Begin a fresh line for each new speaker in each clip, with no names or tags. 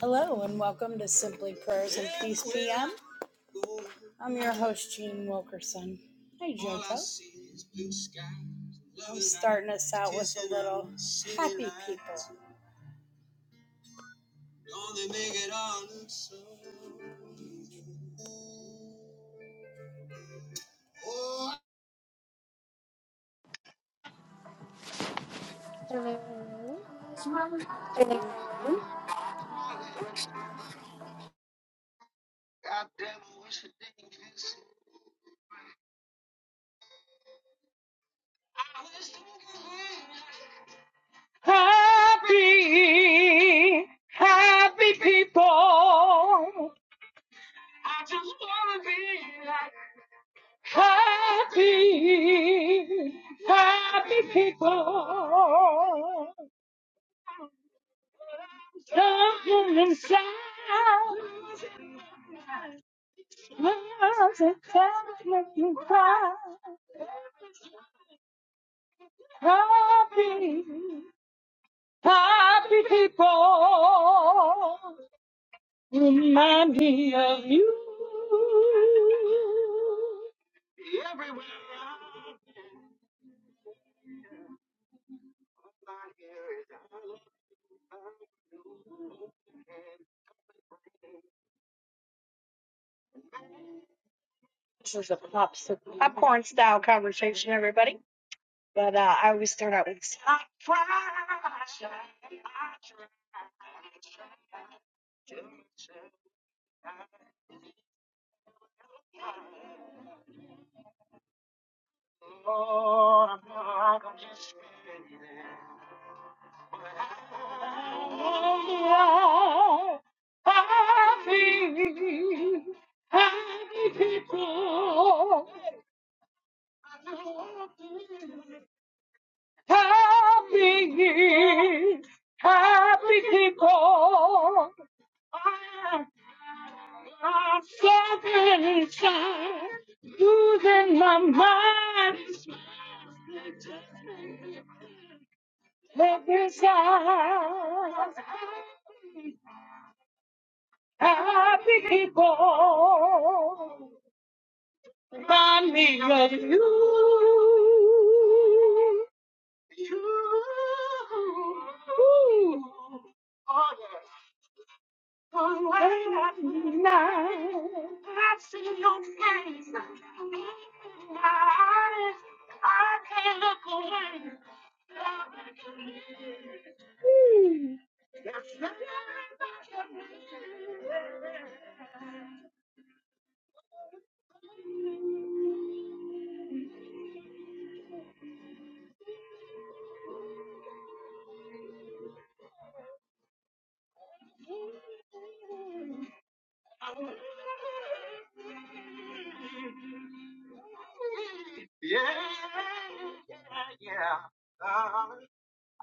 Hello and welcome to Simply Prayers. I'm your host, Jean Wilkerson. Hey, starting us out. Happy, happy people. Happy, happy people. Come from the south. Love's a traveling cry. Happy, happy people. Remind me of you. This is a pop song. Happy, happy people, happy, happy people. I'm I'm suffering inside, losing my mind, every side. Happy people, remind me of you. You. Ooh, at night.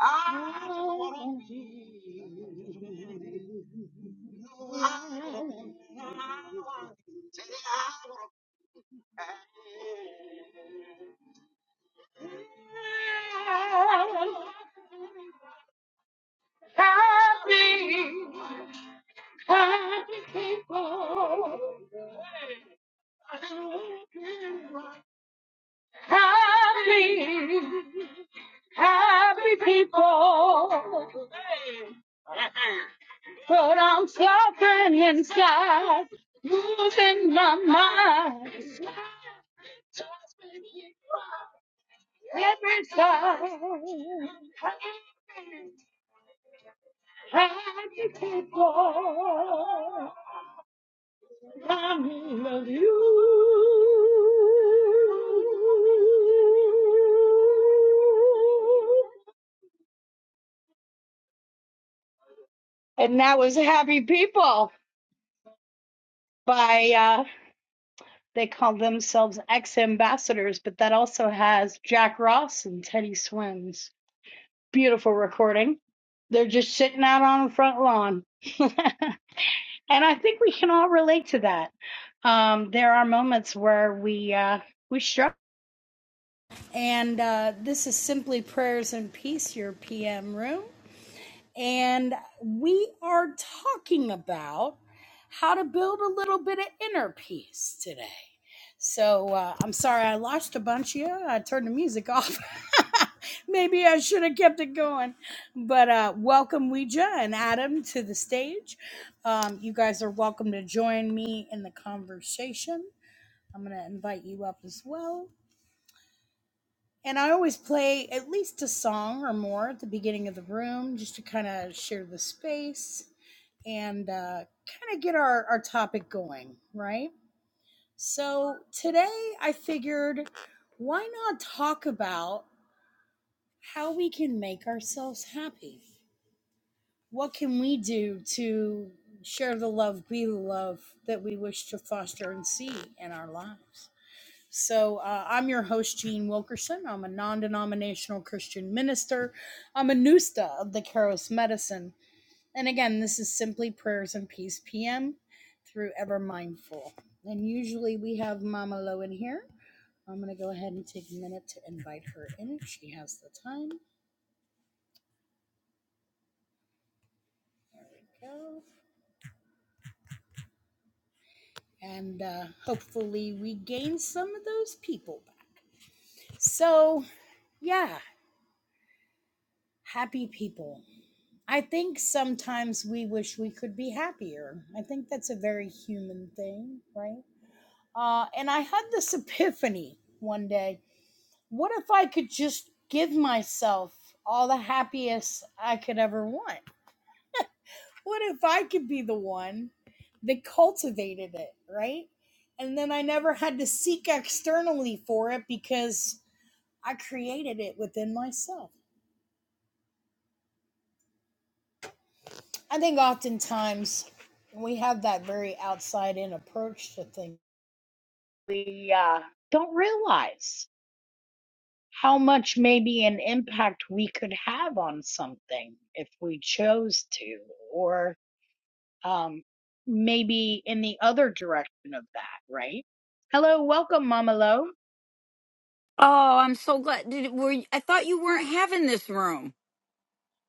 I feel happy, happy people. Happy, happy people, but I'm suffering inside, losing my mind every time. Happy people, I'm in love with you. And that was Happy People by uh They call themselves ex ambassadors, but that also has Jack Ross and Teddy Swims. Beautiful recording. They're just sitting out on the front lawn. and I think we can all relate to that. Um, there are moments where we uh, we struggle. And uh, this is simply prayers and peace, your PM room. and we are talking about how to build a little bit of inner peace today. So uh, I'm sorry I lost a bunch of you. I turned the music off. Maybe I should have kept it going. But uh, welcome, Ouija and Adam, to the stage. Um, you guys are welcome to join me in the conversation. I'm going to invite you up as well. And I always play at least a song or more at the beginning of the room just to kind of share the space and uh, kind of get our, our topic going, right? So today I figured why not talk about how we can make ourselves happy? What can we do to share the love, be the love that we wish to foster and see in our lives? So, uh, I'm your host, Jean Wilkerson. I'm a non denominational Christian minister. I'm a NUSTA of the Keros Medicine And again, this is simply prayers and peace PM through Ever Mindful. And usually we have Mama Lo in here. I'm going to go ahead and take a minute to invite her in if she has the time. Go. And uh, hopefully we gain some of those people back. So, yeah, happy people. I think sometimes we wish we could be happier. I think that's a very human thing, right? Uh, and I had this epiphany one day what if I could just give myself all the happiest I could ever want? What if I could be the one that cultivated it, right? And then I never had to seek externally for it because I created it within myself. I think oftentimes we have that very outside in approach to things. We uh, don't realize how much maybe an impact we could have on something if we chose to, or um, maybe in the other direction of that, right? Hello, welcome, Mama Lo.
Oh, I'm so glad. Did, were you, I thought you weren't having this room.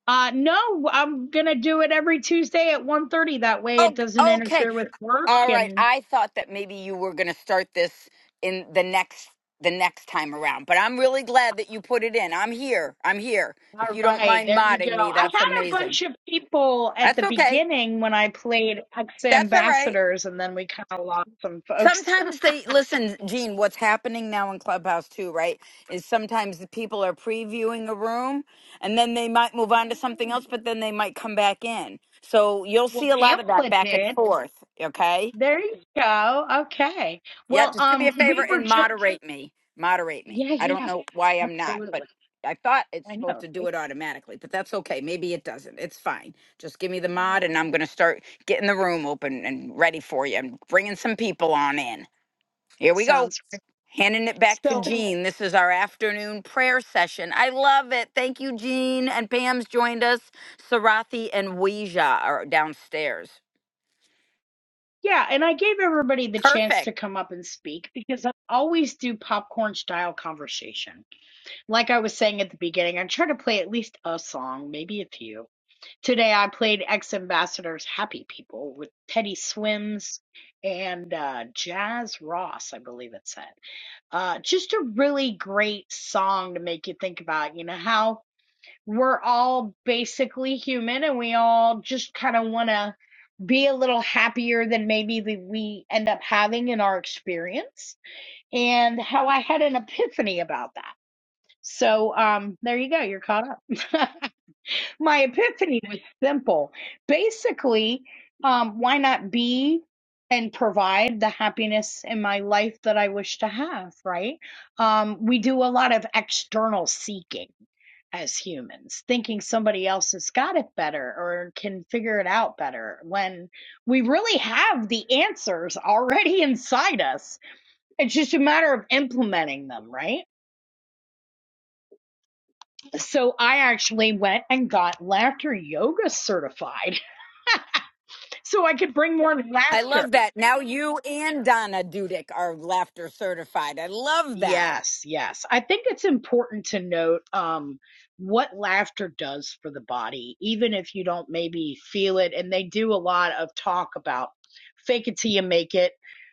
Uh, no, I'm gonna do it every Tuesday at one thirty. That way it
Oh,
doesn't
okay.
interfere with work.
All right.
And
I thought that maybe you were going to start this in the next the next time around, but I'm really glad that you put it in. I'm here. I'm here. If
all
you don't
right,
mind
there you go.
modding me,
I
that's
had a
amazing.
bunch of people at the
That's okay.
beginning when I played ex
That's all right.
ambassadors, and then we kind of lost some folks.
Sometimes they listen, Gene. What's happening now in Clubhouse too, right? Is sometimes the people are previewing a room, and then they might move on to something
Ooh.
else, but then they might come back in. So you'll
well,
see a lot of that
Pamela
back and
did.
forth. Okay.
There you go. Okay.
Yep.
Well,
Just do me a
um, we
favor
were
and
just
moderate me. Moderate me.
yeah,
I don't
yeah,
know why I'm not, but
absolutely.
I thought it's
I
supposed
know.
to
right?
do it automatically, but that's okay. Maybe it doesn't. It's fine. Just give me the
Oh,
mod, and I'm going to start getting the room open and ready for you. I'm bringing some people on in. Here we go.
Sounds great.
Handing it back to
So,
Jean. This is our afternoon prayer session. I love it. Thank you, Jean. And Pam's joined us. Sarathi and Weija are downstairs.
yeah, and I gave everybody the chance
Perfect.
to come up and speak because I always do popcorn style conversation. Like I was saying at the beginning, I try to play at least a song, maybe a few. Today I played Ex Ambassadors Happy People with Teddy Swims and uh, Jazz Ross, I believe it said. Uh, just a really great song to make you think about, you know, how we're all basically human and we all just kind of want to be a little happier than maybe that we end up having in our experience and how I had an epiphany about that. So um there you go, you're caught up. my epiphany was simple. Basically, um, why not be and provide the happiness in my life that I wish to have, right? Um, we do a lot of external seeking as humans, thinking somebody else has got it better or can figure it out better when we really have the answers already inside us. It's just a matter of implementing them, right? So I actually went and got laughter yoga certified so I could bring more
I
laughter.
love that. Now you and Donna Dudek are laughter certified. I love that.
Yes, yes. I think it's important to note um, what laughter does for the body, even if you don't maybe feel it. And they do a lot of talk about fake it till you make it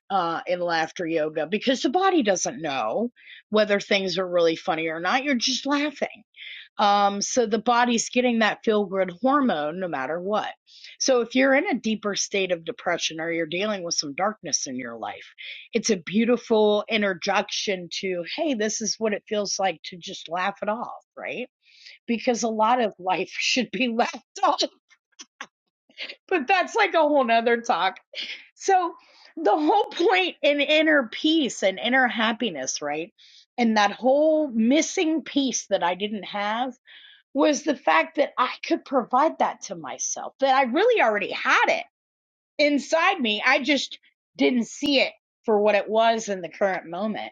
uh, in laughter yoga because the body doesn't know whether things are really funny or not. You're just laughing. Um, so the body's getting that feel good hormone no matter what. So if you're in a deeper state of depression or you're dealing with some darkness in your life, it's a beautiful introduction to, hey, this is what it feels like to just laugh it off, right? Because a lot of life should be laughed off, but that's like a whole nother talk. So the whole point in inner peace and inner happiness, right? And that whole missing piece that I didn't have was the fact that I could provide that to myself, that I really already had it inside me. I just didn't see it for what it was in the current moment.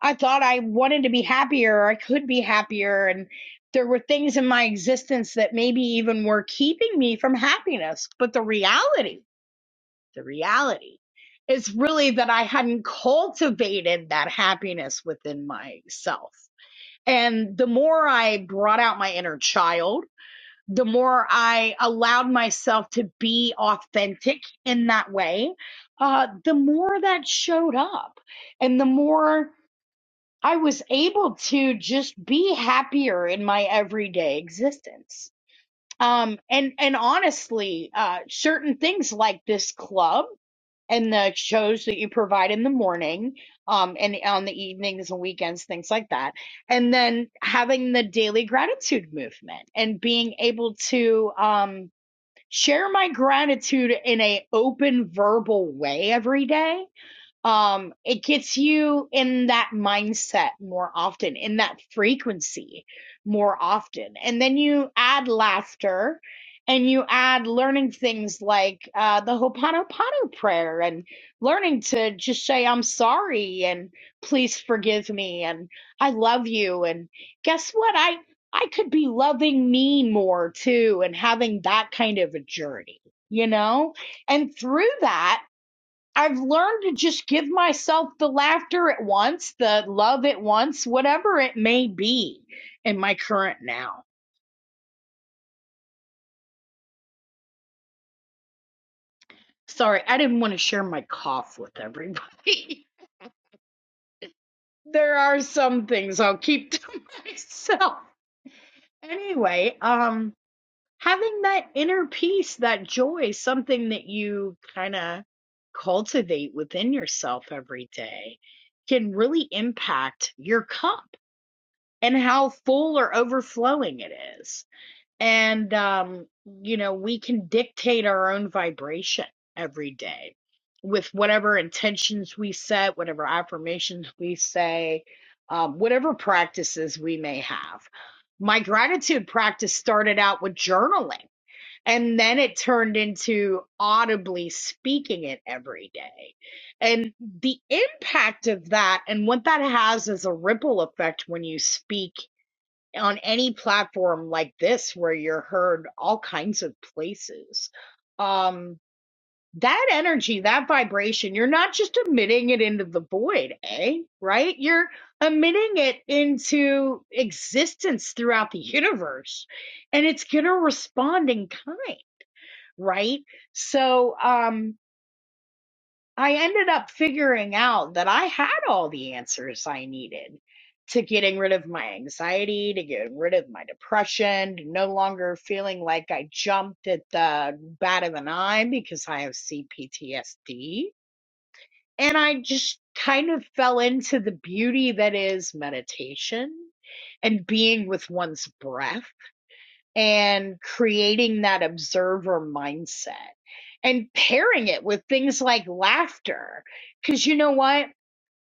I thought I wanted to be happier, or I could be happier. And there were things in my existence that maybe even were keeping me from happiness. But the reality, the reality is really that I hadn't cultivated that happiness within myself. And the more I brought out my inner child, the more I allowed myself to be authentic in that way, uh, the more that showed up. And the more I was able to just be happier in my everyday existence. Um, and, and honestly, uh, certain things like this club and the shows that you provide in the morning um and on the evenings and weekends things like that and then having the daily gratitude movement and being able to um share my gratitude in a open verbal way every day um it gets you in that mindset more often in that frequency more often and then you add laughter and you add learning things like uh, the Ho'oponopono prayer and learning to just say, I'm sorry and please forgive me and I love you. And guess what? I, I could be loving me more too and having that kind of a journey, you know? And through that, I've learned to just give myself the laughter at once, the love at once, whatever it may be in my current now. Sorry, I didn't want to share my cough with everybody. there are some things I'll keep to myself. Anyway, um having that inner peace, that joy, something that you kind of cultivate within yourself every day can really impact your cup and how full or overflowing it is. and um you know we can dictate our own vibration every day with whatever intentions we set whatever affirmations we say um, whatever practices we may have my gratitude practice started out with journaling and then it turned into audibly speaking it every day and the impact of that and what that has is a ripple effect when you speak on any platform like this where you're heard all kinds of places um that energy that vibration you're not just emitting it into the void eh right you're emitting it into existence throughout the universe and it's going to respond in kind right so um I ended up figuring out that I had all the answers I needed to getting rid of my anxiety, to getting rid of my depression, to no longer feeling like I jumped at the bat of an eye because I have CPTSD. And I just kind of fell into the beauty that is meditation and being with one's breath and creating that observer mindset and pairing it with things like laughter. Because you know what?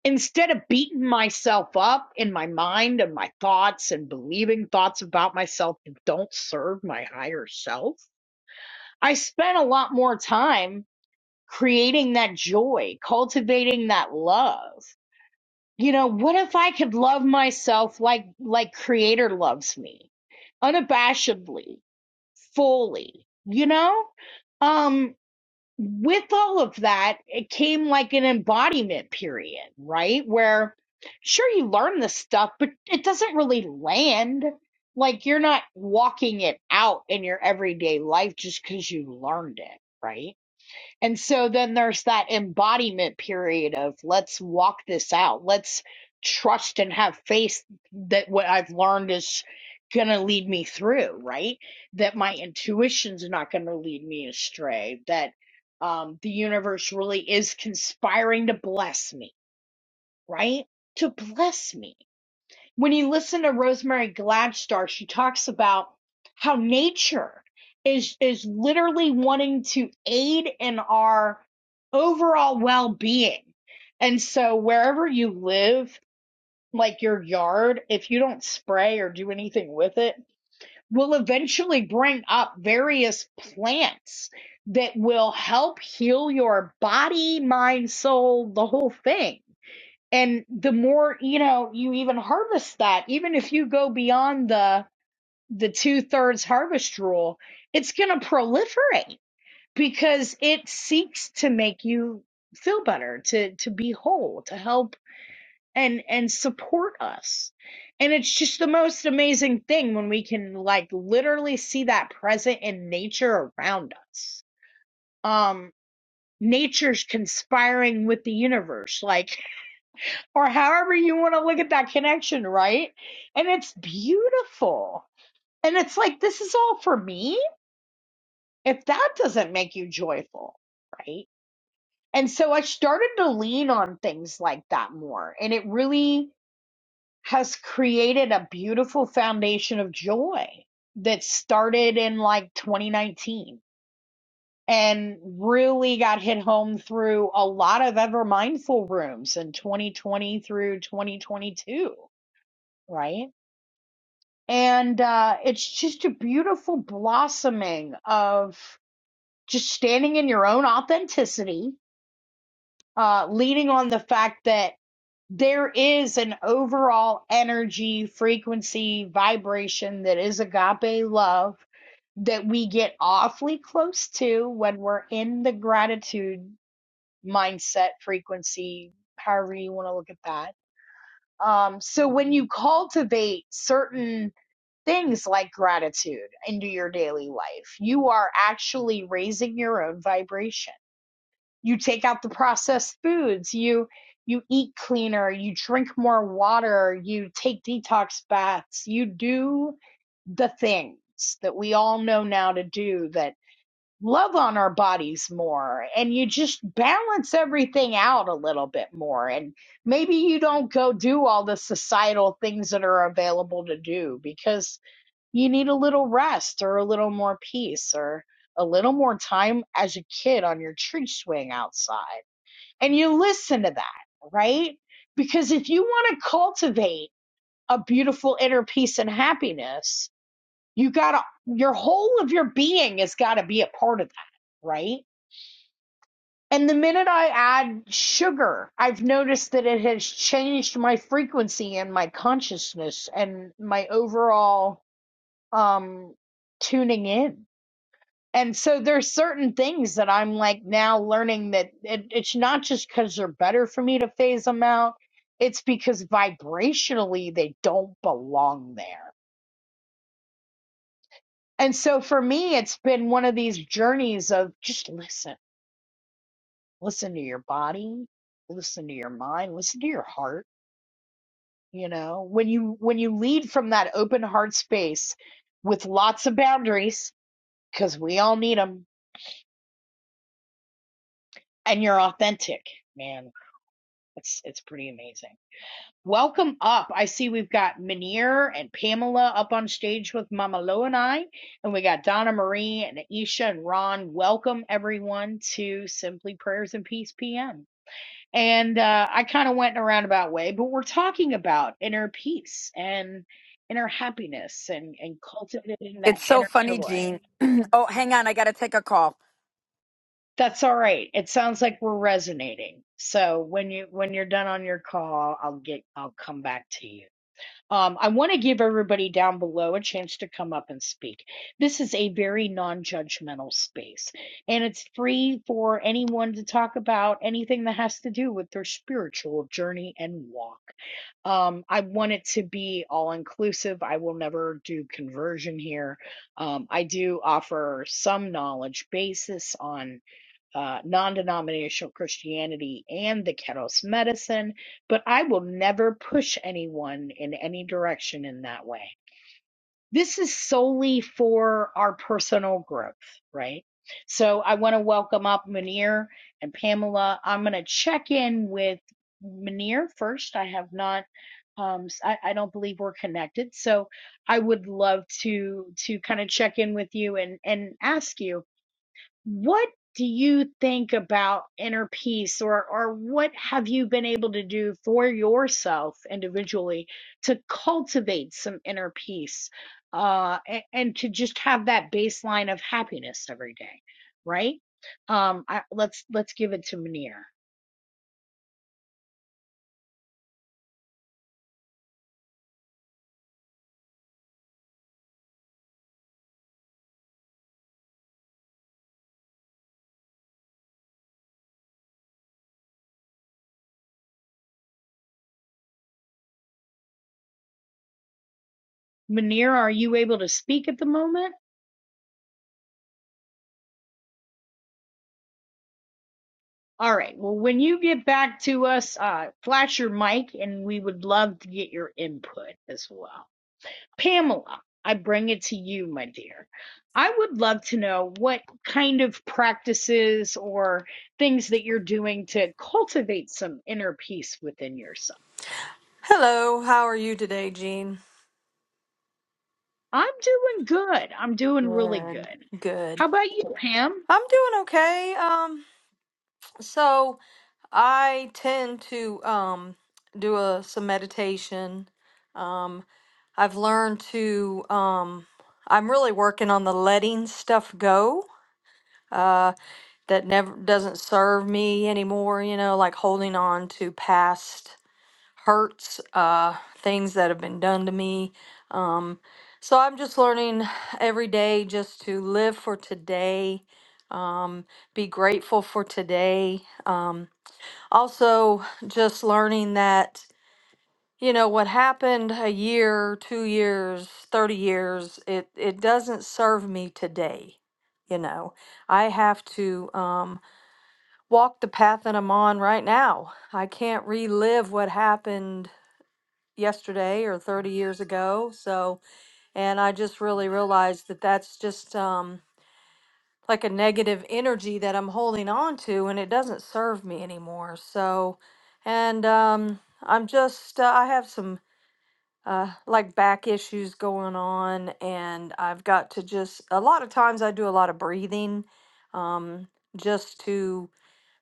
Instead of beating myself up in my mind and my thoughts and believing thoughts about myself that don't serve my higher self, I spent a lot more time creating that joy, cultivating that love. You know, what if I could love myself like like creator loves me unabashedly fully, you know? Um, with all of that, it came like an embodiment period, right? Where sure you learn this stuff, but it doesn't really land. Like you're not walking it out in your everyday life just because you learned it, right? And so then there's that embodiment period of let's walk this out. Let's trust and have faith that what I've learned is going to lead me through, right? That my intuition's not going to lead me astray, that um, the universe really is conspiring to bless me, right? To bless me when you listen to Rosemary Gladstar, she talks about how nature is is literally wanting to aid in our overall well-being. And so wherever you live, like your yard, if you don't spray or do anything with it, will eventually bring up various plants that will help heal your body, mind, soul, the whole thing and the more you know you even harvest that even if you go beyond the the two thirds harvest rule it's going to proliferate because it seeks to make you feel better to to be whole to help and and support us and it's just the most amazing thing when we can like literally see that present in nature around us um nature's conspiring with the universe like or however you want to look at that connection, right? And it's beautiful. And it's like, this is all for me. If that doesn't make you joyful, right? And so I started to lean on things like that more. And it really has created a beautiful foundation of joy that started in like 2019 and really got hit home through a lot of ever mindful rooms in 2020 through 2022, right? and uh, it's just a beautiful blossoming of just standing in your own authenticity, uh, leaning on the fact that there is an overall energy, frequency, vibration that is agape love that we get awfully close to when we're in the gratitude mindset frequency, however you want to look at that um, so when you cultivate certain things like gratitude into your daily life, you are actually raising your own vibration. You take out the processed foods, you you eat cleaner, you drink more water, you take detox baths, you do the things that we all know now to do that love on our bodies more and you just balance everything out a little bit more and maybe you don't go do all the societal things that are available to do because you need a little rest or a little more peace or a little more time as a kid on your tree swing outside and you listen to that right because if you want to cultivate a beautiful inner peace and happiness you got to your whole of your being has got to be a part of that right and the minute I add sugar, I've noticed that it has changed my frequency and my consciousness and my overall um tuning in. And so there's certain things that I'm like now learning that it, it's not just because they're better for me to phase them out. It's because vibrationally they don't belong there. And so for me, it's been one of these journeys of just listen, listen to your body, listen to your mind, listen to your heart you know when you when you lead from that open heart space with lots of boundaries because we all need them and you're authentic man it's it's pretty amazing welcome up i see we've got Munir and pamela up on stage with mama lo and i and we got donna marie and aisha and ron welcome everyone to simply prayers and peace pm And uh, I kind of went in a roundabout way, but we're talking about inner peace and inner happiness and, and cultivating that
It's so
inner
funny,
joy.
Jean. oh, hang on. I got to take a call.
That's all right. It sounds like we're resonating. So when you when you're done on your call, I'll get I'll come back to you. Um, I want to give everybody down below a chance to come up and speak. This is a very non judgmental space, and it's free for anyone to talk about anything that has to do with their spiritual journey and walk. Um, I want it to be all inclusive. I will never do conversion here. Um, I do offer some knowledge basis on uh, non denominational Christianity and the Keros medicine, but I will never push anyone in any direction in that way. This is solely for our personal growth, right? So I want to welcome up Munir and Pamela. I'm going to check in with Munir first. I have not. Um, s- I, I don't believe we're connected, so I would love to to kind of check in with you and and ask you what do you think about inner peace or or what have you been able to do for yourself individually to cultivate some inner peace uh and, and to just have that baseline of happiness every day, right? Um I, let's let's give it to Manir. Manir, are you able to speak at the moment? All right. Well, when you get back to us, uh flash your mic and we would love to get your input as well. Pamela, I bring it to you, my dear. I would love to know what kind of practices or things that you're doing to cultivate some inner peace within yourself.
Hello, how are you today, Jean?
I'm doing good. I'm doing really
Good.
good.
Good.
How about you, Pam?
I'm doing okay. Um so I tend to um do a some meditation. Um I've learned to um I'm really working on the letting stuff go. Uh that never doesn't serve me anymore, you know, like holding on to past hurts, uh, things that have been done to me. Um, so I'm just learning every day just to live for today, um, be grateful for today. Um, also, just learning that you know what happened a year, two years, thirty years. It it doesn't serve me today. You know, I have to um, walk the path that I'm on right now. I can't relive what happened yesterday or 30 years ago. So, and I just really realized that that's just um, like a negative energy that I'm holding on to and it doesn't serve me anymore. So, and um, I'm just, uh, I have some uh, like back issues going on and I've got to just, a lot of times I do a lot of breathing um, just to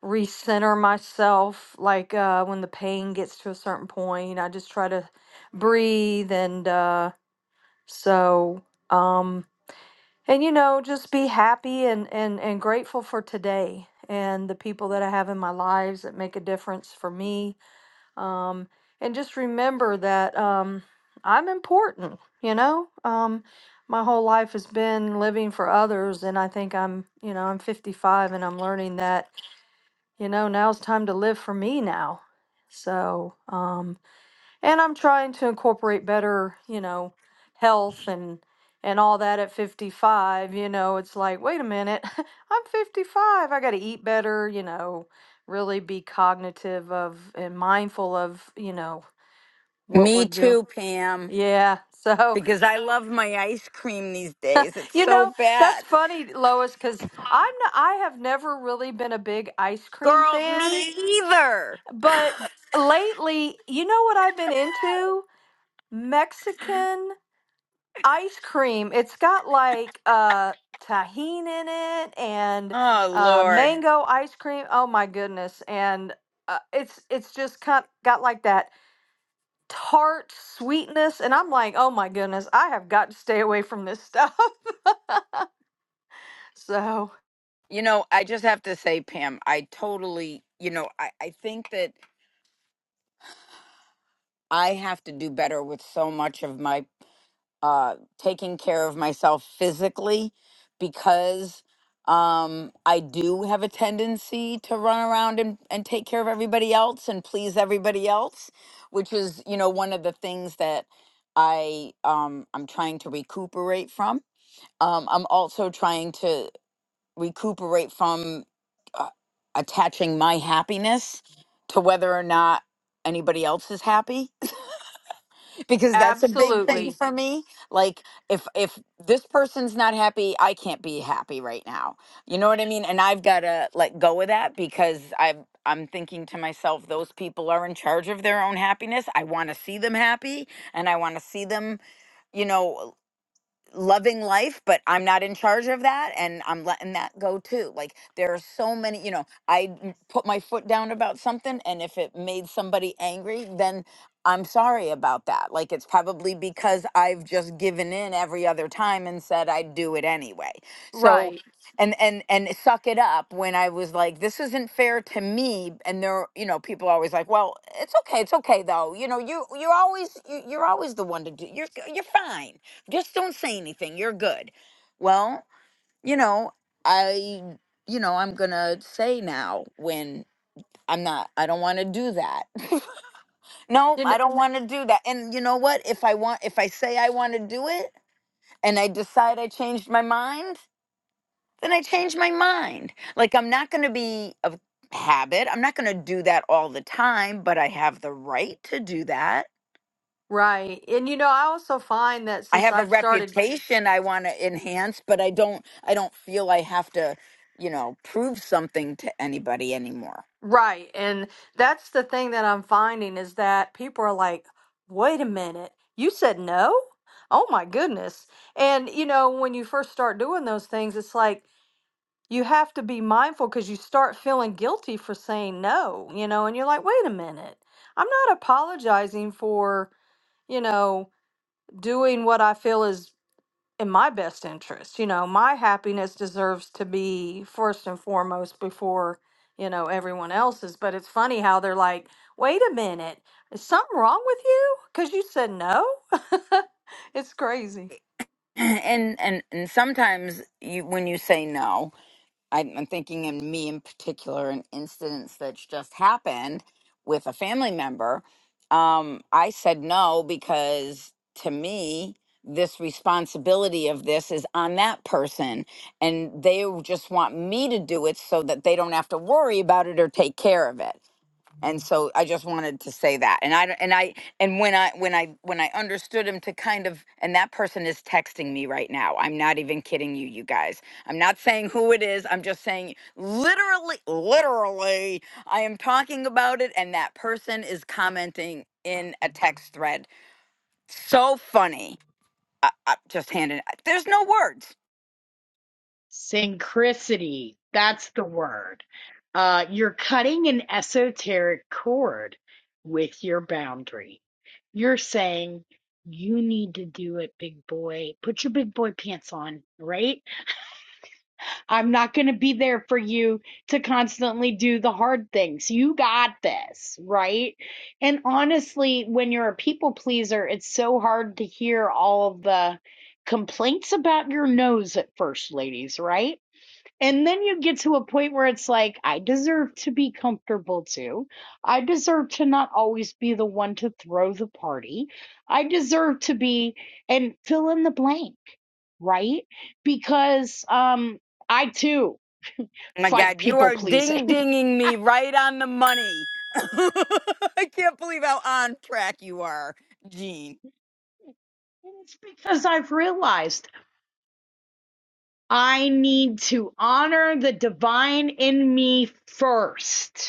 recenter myself like uh when the pain gets to a certain point i just try to breathe and uh so um and you know just be happy and and and grateful for today and the people that i have in my lives that make a difference for me um and just remember that um i'm important you know um my whole life has been living for others and i think i'm you know i'm 55 and i'm learning that you know, now's time to live for me now. So, um, and I'm trying to incorporate better, you know, health and and all that at 55, you know, it's like, wait a minute, I'm 55. I got to eat better, you know, really be cognitive of and mindful of, you know, what we're
Me
doing.
too, Pam,
Yeah. So,
because I love my ice cream these days. It's
you know,
so
that's
bad.
funny, Lois, cuz I'm not, I have never really been a big ice cream
Girl,
fan
me either.
But lately, you know what I've been into? Mexican ice cream. It's got like uh tahine in it and
Oh,
uh
Lord.
mango ice cream. Oh my goodness. And uh, it's it's just kind got like that tart sweetness and I'm like, "Oh my goodness, I have got to stay away from this stuff." so,
You know, I just have to say, Pam, I totally, you know, I, I think that I have to do better with so much of my uh, taking care of myself physically because um, I do have a tendency to run around and, and take care of everybody else and please everybody else, which is, you know, one of the things that I um, I'm trying to recuperate from. Um, I'm also trying to recuperate from uh, attaching my happiness to whether or not anybody else is happy because that's a big thing
absolutely.
for me like if if this person's not happy i can't be happy right now you know what i mean and i've got to let go of that because i am i'm thinking to myself those people are in charge of their own happiness i want to see them happy and i want to see them you know loving life, but I'm not in charge of that and I'm letting that go too. Like there are so many, you know, I n- put my foot down about something and if it made somebody angry, then I'm sorry about that. Like it's probably because I've just given in every other time and said I'd do it anyway. So
Right.
and and and suck it up when I was like this isn't fair to me and there you know people are always like well it's okay it's okay though you know you you're always you, you're always the one to do you're you're fine just don't say anything you're good well you know i you know i'm gonna say now when i'm not i don't want to do that no
You
i
kn-
don't want to do that and you know what if i want if i say i want to do it and i decide i changed my mind then i change my mind like i'm not gonna be a habit i'm not gonna do that all the time but i have the right to do that
right. And you know, I also find that
I
since
have a
I've started
reputation I want to enhance, but I don't I don't feel I have to, you know, prove something to anybody anymore.
Right. And that's the thing that I'm finding is that people are like, wait a minute, you said no? Oh my goodness. And, you know, when you first start doing those things, it's like you have to be mindful because you start feeling guilty for saying no, you know, and you're like, wait a minute, I'm not apologizing for, you know, doing what I feel is in my best interest. You know, my happiness deserves to be first and foremost before, you know, everyone else's. But it's funny how they're like, wait a minute, is something wrong with you? Because you said no. it's crazy.
And and and sometimes you when you say no, I'm, I'm thinking in me in particular, an instance that's just happened with a family member. Um, I said no because to me, this responsibility of this is on that person, and they just want me to do it so that they don't have to worry about it or take care of it and so I just wanted to say that. And I and I and when I when I when I understood him to kind of and that person is texting me right now. I'm not even kidding you, you guys. I'm not saying who it is. I'm just saying literally, literally, I am talking about it, and that person is commenting in a text thread. So funny. I, I just handed. There's no words.
Synchronicity. That's the word. Uh, you're cutting an esoteric cord with your boundary. You're saying, you need to do it, big boy. Put your big boy pants on, right? I'm not going to be there for you to constantly do the hard things. You got this, right? And honestly, when you're a people pleaser, it's so hard to hear all of the complaints about your nose at first, ladies, right? And then you get to a point where it's like, I deserve to be comfortable too. I deserve to not always be the one to throw the party. I deserve to be, and fill in the blank, right? Because um, I too
Oh my
fight
God, you
people
are
pleasing.
ding
and
dinging me right on the money. I can't believe how on track you are, Gene.
it's because I've realized I need to honor the divine in me first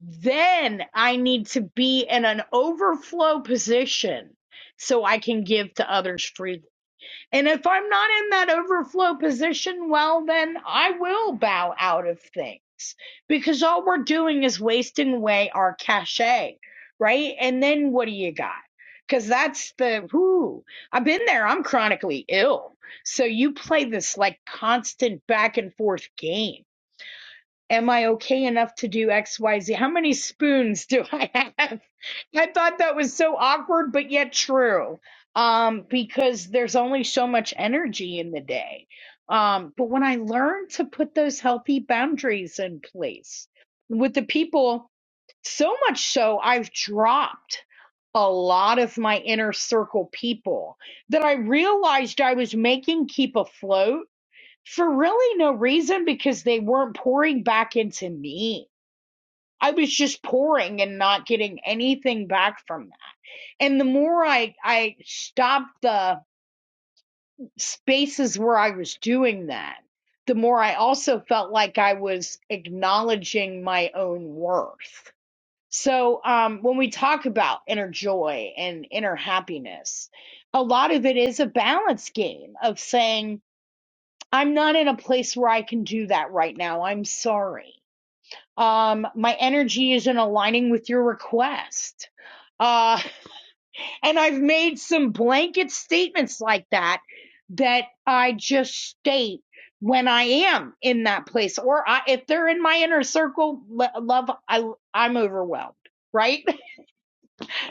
then I need to be in an overflow position so I can give to others freely. And if I'm not in that overflow position, well, then I will bow out of things because all we're doing is wasting away our cachet, right? And then what do you got? Because that's the whoo. I've been there. I'm chronically ill. So you play this like constant back and forth game Am I okay enough to do XYZ? How many spoons do I have? I thought that was so awkward, but yet true. Um, because there's only so much energy in the day. Um, but when I learned to put those healthy boundaries in place with the people, so much so I've dropped a lot of my inner circle people that I realized I was making keep afloat for really no reason because they weren't pouring back into me. I was just pouring and not getting anything back from that. And the more I I stopped the spaces where I was doing that, the more I also felt like I was acknowledging my own worth. So um, when we talk about inner joy and inner happiness, a lot of it is a balance game of saying I'm not in a place where I can do that right now. I'm sorry. Um, my energy isn't aligning with your request. Uh, and I've made some blanket statements like that that I just state when I am in that place, or I, if they're in my inner circle, love, I, I'm overwhelmed, right?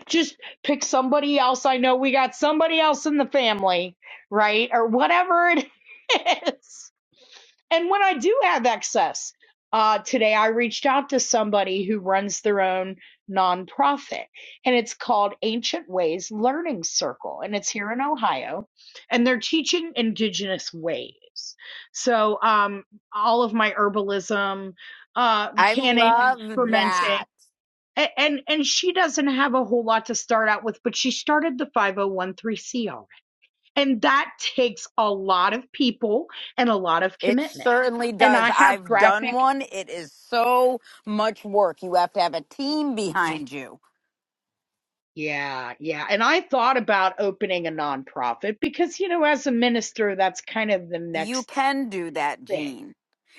Just pick somebody else. I know we got somebody else in the family, right? Or whatever it is. and when I do have excess, uh, today I reached out to somebody who runs their own nonprofit, and it's called Ancient Ways Learning Circle, and it's here in Ohio, and they're teaching indigenous ways. So, um, all of my herbalism, uh,
I
canning,
love
fermenting.
that.
a- And and she doesn't have a whole lot to start out with, but she started the 5013C and that takes a lot of people and a lot of
It
commitment.
certainly
And I
does.
have
I've done
graphic.
one. It is so much work. You have to have a team behind you.
Yeah, yeah. And I thought about opening a nonprofit because, you know, as a minister, that's kind of the
You
next
can do that,
thing.
Gene.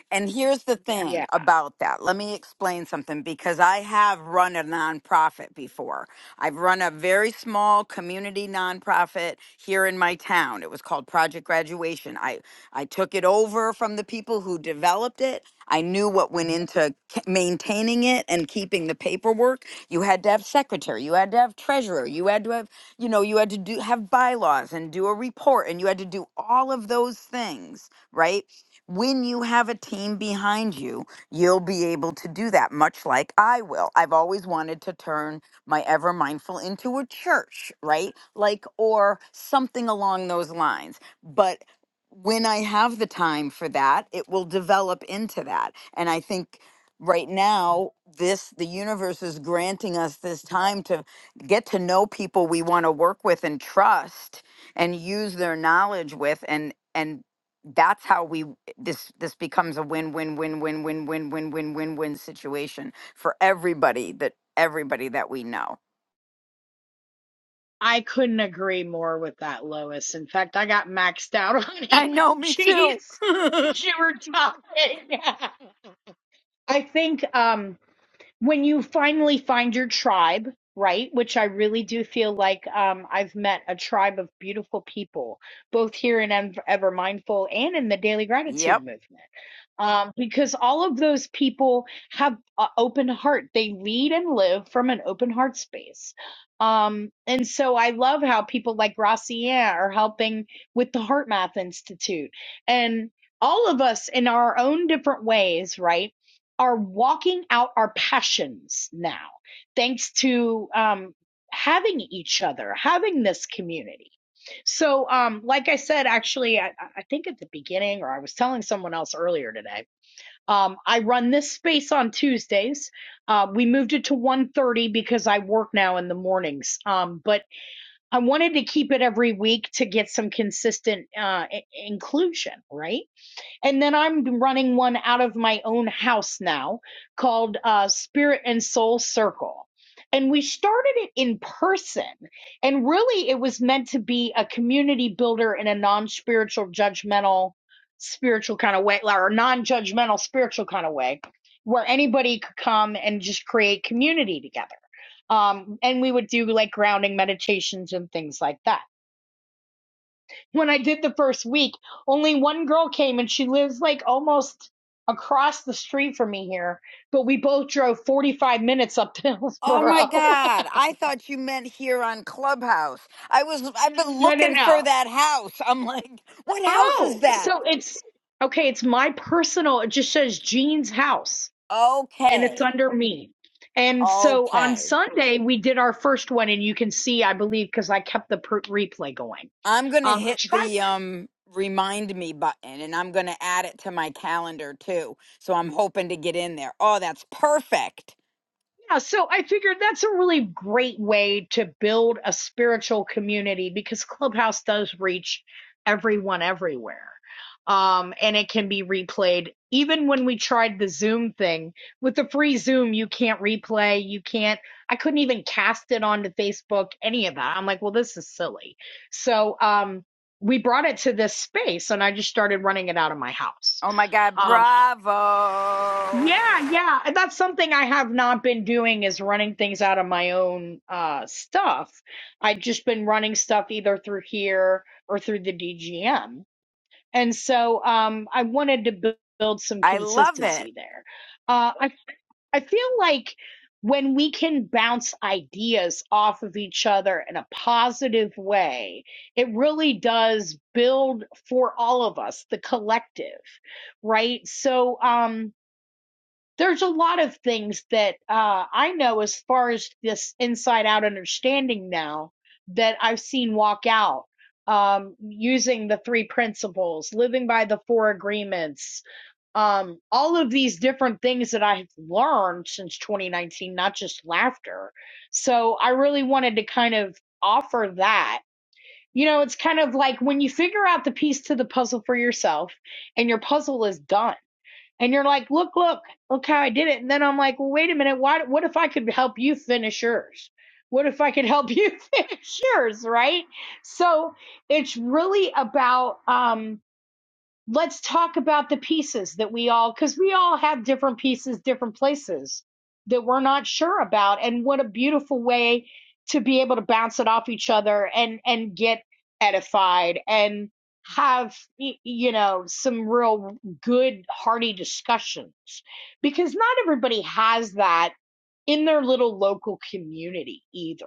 And here's the
Yeah.
thing about that. Let me explain something because I have run a nonprofit before. I've run a very small community nonprofit here in my town. It was called Project Graduation. I, I took it over from the people who developed it. I knew what went into k- maintaining it and keeping the paperwork. You had to have secretary, you had to have treasurer, you had to have, you know, you had to do have bylaws and do a report and you had to do all of those things, right? when you have a team behind you, you'll be able to do that, much like I will. I've always wanted to turn my Ever Mindful into a church, right? Like, or something along those lines. But when I have the time for that, it will develop into that. And I think right now, this, the universe is granting us this time to get to know people we want to work with and trust and use their knowledge with and, and that's how we this this becomes a win win win win win win win win win win situation for everybody that everybody that we know.
I couldn't agree more with that, Lois. In fact, I got maxed out on
I know me
emojis
too.
as you were talking. I think um when you finally find your tribe, right? Which I really do feel like um, I've met a tribe of beautiful people, both here in Ev- Ever Mindful and in the Daily Gratitude
yep.
Movement. Um, because all of those people have an open heart. They lead and live from an open heart space. Um, and so I love how people like Gracian are helping with the Heart Math Institute. And all of us in our own different ways, right? are walking out our passions now, thanks to um, having each other, having this community. So, um, like I said, actually, I, I think at the beginning, or I was telling someone else earlier today, um, I run this space on Tuesdays. Uh, we moved it to one thirty because I work now in the mornings. Um, but I wanted to keep it every week to get some consistent uh, i- inclusion, right? And then I'm running one out of my own house now called uh, Spirit and Soul Circle. And we started it in person. And really, it was meant to be a community builder in a non spiritual, judgmental, spiritual kind of way, or non judgmental, spiritual kind of way, where anybody could come and just create community together. Um, and we would do like grounding meditations and things like that when I did the first week, only one girl came and she lives like almost across the street from me here. But we both drove 45 minutes up to
Oh my
Hillsboro.
god, I thought you meant here on Clubhouse. I was I've been
no, no,
looking for
no.
that house. I'm like, what house
Oh,
is that?
so it's okay. It's my personal, it just says Jean's house and it's
Okay.
under me. And so on
Okay.
Sunday, we did our first one, and you can see, I believe, because I kept the per- replay going.
I'm going to
Um, I
hit
tried
the um remind me button and I'm going to add it to my calendar too. So I'm hoping to get in there. Oh, that's perfect.
Yeah, so I figured that's a really great way to build a spiritual community because Clubhouse does reach everyone everywhere. Um, and it can be replayed. Even when we tried the Zoom thing, with the free Zoom, you can't replay, you can't, I couldn't even cast it onto Facebook, any of that. I'm like, well, this is silly. So um, we brought it to this space and I just started running it out of my house.
Oh my God,
Um,
bravo.
yeah, yeah. And That's something I have not been doing is running things out of my own uh stuff. I've just been running stuff either through here or through the DGM. And so um I wanted to bu- build some
I love it.
consistency there. Uh I I feel like when we can bounce ideas off of each other in a positive way, it really does build for all of us, the collective, right? So, um, there's a lot of things that uh, I know as far as this inside out understanding now that I've seen walk out um, using the three principles, living by the four agreements, um, all of these different things that I've learned since 2019, not just laughter. So I really wanted to kind of offer that. You know, it's kind of like when you figure out the piece to the puzzle for yourself and your puzzle is done and you're like, look, look, look how I did it. And then I'm like, well, wait a minute. Why, what if I could help you finish yours? What if I could help you finish yours? Right. So it's really about, um, let's talk about the pieces that we all because we all have different pieces different places that we're not sure about and what a beautiful way to be able to bounce it off each other and and get edified and have y- you know some real good hearty discussions because not everybody has that in their little local community either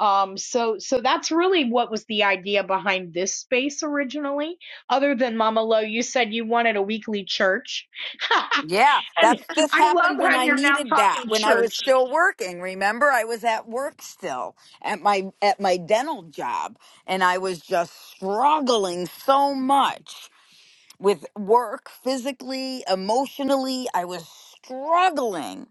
um so so that's really what was the idea behind this space originally other than Mama Lo, you said you wanted a weekly church.
Yeah,
and
that's this
I love
happened when
how
I
you're now
needed that,
talking
when I was
church.
still working. Remember, I was at work still at my at my dental job and I was just struggling so much with work physically, emotionally. I was struggling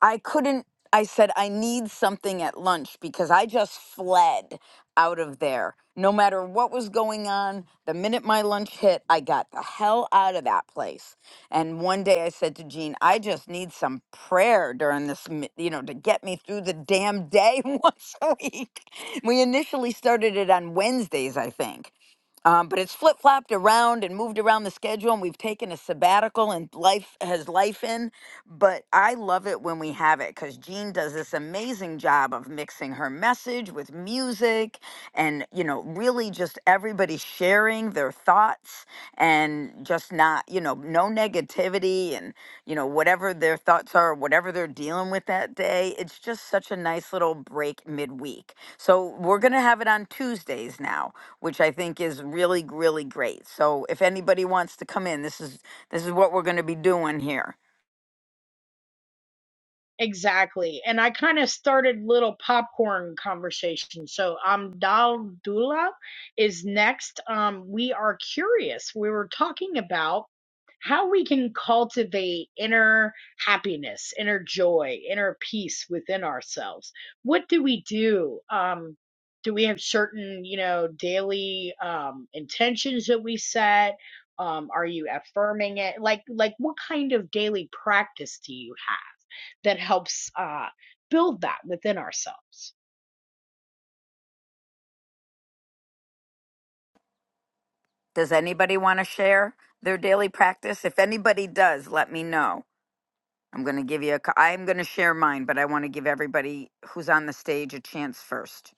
I couldn't. I said, I need something at lunch because I just fled out of there. No matter what was going on, the minute my lunch hit, I got the hell out of that place. And one day I said to Jean, I just need some prayer during this, mi- you know, to get me through the damn day once a week. We initially started it on Wednesdays, I think. Um, but it's flip flopped around and moved around the schedule, and we've taken a sabbatical, and life has life in. But I love it when we have it because Jean does this amazing job of mixing her message with music, and you know, really just everybody sharing their thoughts and just not, you know, no negativity and you know whatever their thoughts are, whatever they're dealing with that day. It's just such a nice little break midweek. So we're gonna have it on Tuesdays now which I think is really, really great. So if anybody wants to come in, this is this is what we're going to be doing here.
Exactly. And I kind of started little popcorn conversation. So um Dal Dula is next. Um we are curious. We were talking about how we can cultivate inner happiness, inner joy, inner peace within ourselves. What do we do? Um do we have certain, you know, daily um intentions that we set? Um are you affirming it? Like like what kind of daily practice do you have? that helps uh, build that within ourselves.
Does anybody want to share their daily practice? If anybody does, let me know. I'm going to give you a. c- I'm going to share mine, but I want to give everybody who's on the stage a chance first.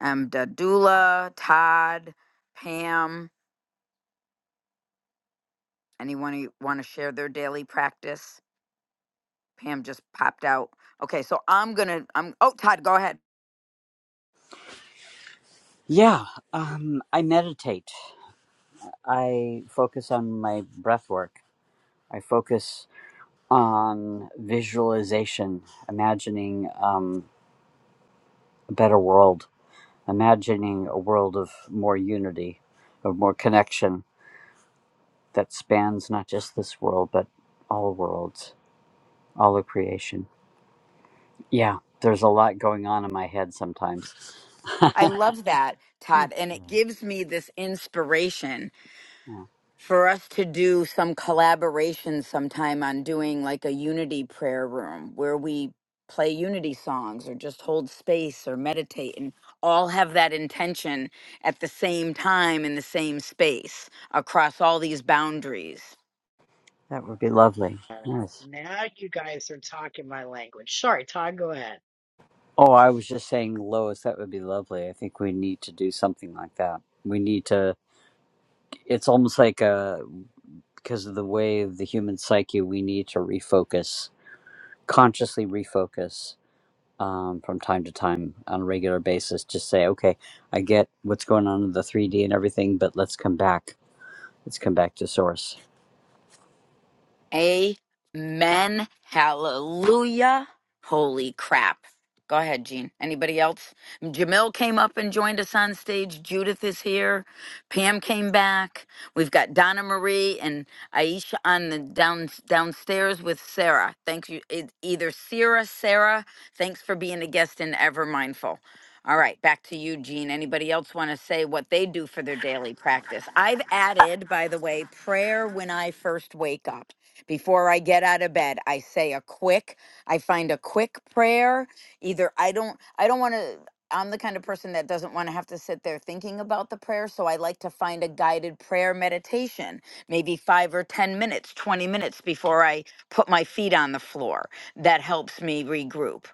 Um, Dadula, Todd, Pam. Anyone who want to share their daily practice? Pam just popped out. Okay, so I'm gonna. I'm. Oh, Todd, go ahead.
Yeah, um, I meditate. I focus on my breath work. I focus on visualization, imagining um, a better world, imagining a world of more unity, of more connection that spans not just this world, but all worlds, all of creation. Yeah, there's a lot going on in my head sometimes.
I love that, Todd. And it gives me this inspiration
Yeah,
for us to do some collaboration sometime on doing like a unity prayer room where we play unity songs or just hold space or meditate and all have that intention at the same time in the same space across all these boundaries.
that would be lovely.
All right.
Yes.
Now you guys are talking my language. Sorry, Todd, go ahead.
Oh, I was just saying, Lois, that would be lovely. I think we need to do something like that. We need to, it's almost like a, because of the way of the human psyche, we need to refocus, consciously refocus um, from time to time on a regular basis. Just say, okay, I get what's going on in the 3D and everything, but let's come back. Let's come back to source.
Amen. Hallelujah. Holy crap. Go ahead, Gene. Anybody else? Jamil came up and joined us on stage. Judith is here. Pam came back. We've got Donna Marie and Aisha on the down downstairs with Sarah. Thank you. e- Either Sarah, Sarah. Thanks for being a guest in Ever Mindful. All right, back to you, Gene. Anybody else want to say what they do for their daily practice? I've added, by the way, prayer when I first wake up before I get out of bed, I say a quick, I find a quick prayer. Either I don't, I don't want to, I'm the kind of person that doesn't want to have to sit there thinking about the prayer. So I like to find a guided prayer meditation, maybe five or 10 minutes, 20 minutes before I put my feet on the floor. That helps me regroup.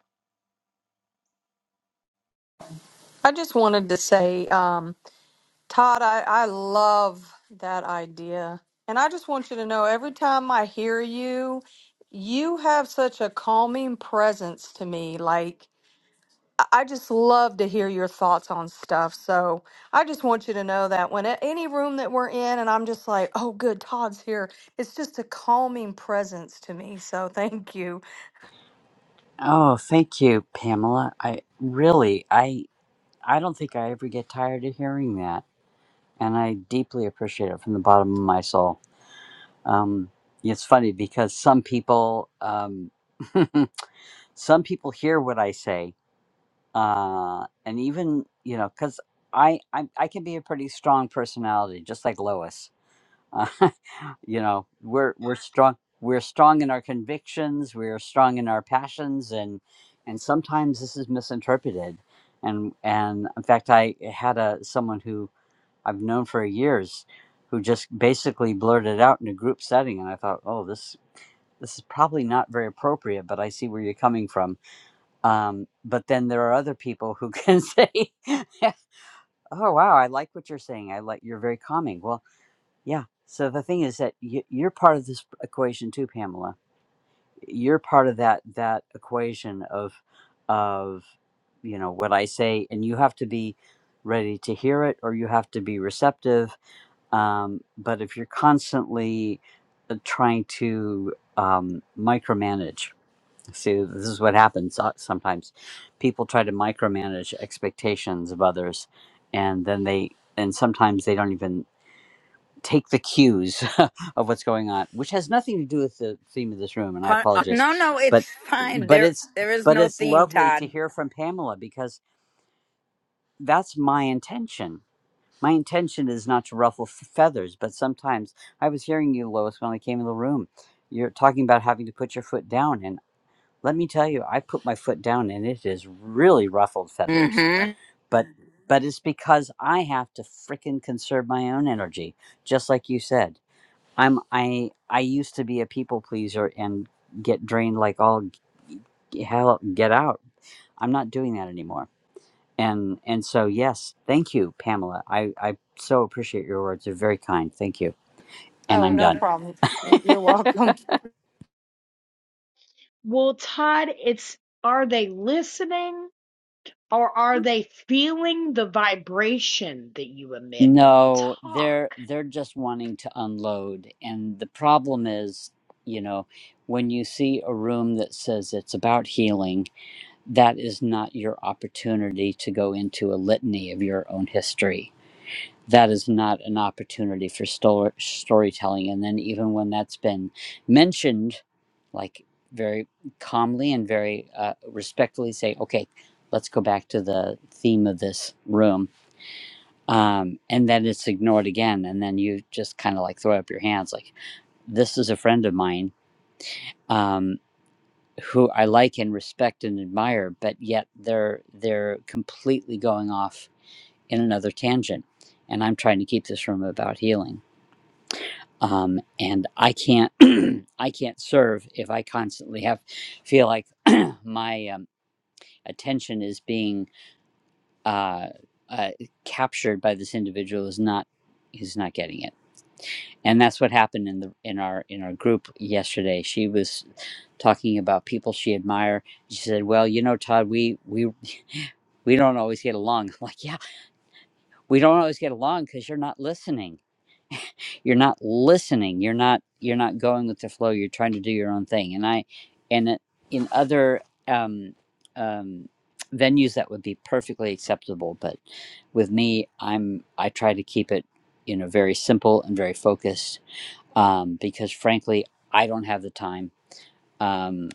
I just wanted to say, um, Todd, I, I love that idea. And I just want you to know every time I hear you, you have such a calming presence to me. Like, I just love to hear your thoughts on stuff. So I just want you to know that when a- any room that we're in, and I'm just like, oh, good, Todd's here, it's just a calming presence to me. So thank you.
Oh, thank you, Pamela. I really, I, I don't think I ever get tired of hearing that. And I deeply appreciate it from the bottom of my soul. Um, it's funny because some people, um, some people hear what I say, uh, and even you know, because I, I I can be a pretty strong personality, just like Lois. Uh, you know, we're we're strong. We're strong in our convictions. We're strong in our passions, and and sometimes this is misinterpreted. And and in fact, I had a someone who I've known for years who just basically blurted out in a group setting, and I thought, oh, this this is probably not very appropriate, but I see where you're coming from. Um, but then there are other people who can say, oh wow, I like what you're saying. I like you're very calming. Well, yeah. So the thing is that you, you're part of this equation too, Pamela. You're part of that that equation of of you know what I say, and you have to be ready to hear it, or you have to be receptive um, but if you're constantly uh, trying to um, micromanage, see, this is what happens uh, sometimes. People try to micromanage expectations of others, and then they, and sometimes they don't even take the cues of what's going on, which has nothing to do with the theme of this room. And I
Uh, uh,
apologize,
no, no,
but
it's fine.
but
There,
it's
there is
but
no
it's
theme,
lovely to
Todd.
hear from Pamela because that's my intention my intention is not to ruffle f- feathers, but sometimes I was hearing you, Lois, when I came in the room. You're talking about having to put your foot down, and let me tell you, I put my foot down, and it is really ruffled feathers.
Mm-hmm.
But Mhm. but it's because I have to frickin' conserve my own energy, just like you said. I'm I I used to be a people pleaser and get drained like all g- hell. Get out! I'm not doing that anymore. And and so yes, thank you, Pamela. I I so appreciate your words. They're very kind. Thank you. And
Oh,
I'm
no
done.
problem. You're welcome.
Well, Todd, it's are they listening or are they feeling the vibration that you emit when you
No,
talk?
they're they're just wanting to unload and the problem is, you know, when you see a room that says it's about healing, that is not your opportunity to go into a litany of your own history that is not an opportunity for stor- storytelling. And then, even when that's been mentioned, like very calmly and very uh, respectfully say, okay, let's go back to the theme of this room. Um, and then it's ignored again. And then you just kind of like throw up your hands like, this is a friend of mine. Um, who I like and respect and admire, but yet they're they're completely going off in another tangent, and I'm trying to keep this room about healing um, and I can't I can't serve if I constantly have feel like my um, attention is being uh, uh, captured by this individual who's not who's not getting it, and that's what happened in the in our in our group yesterday. She was talking about people she admired. She said, "Well, you know, Todd, we we we don't always get along." I'm like, yeah, we don't always get along because you're not listening you're not listening you're not you're not going with the flow you're trying to do your own thing and i and in other um, um, venues that would be perfectly acceptable but with me i'm i try to keep it you know very simple and very focused um, because frankly i don't have the time um,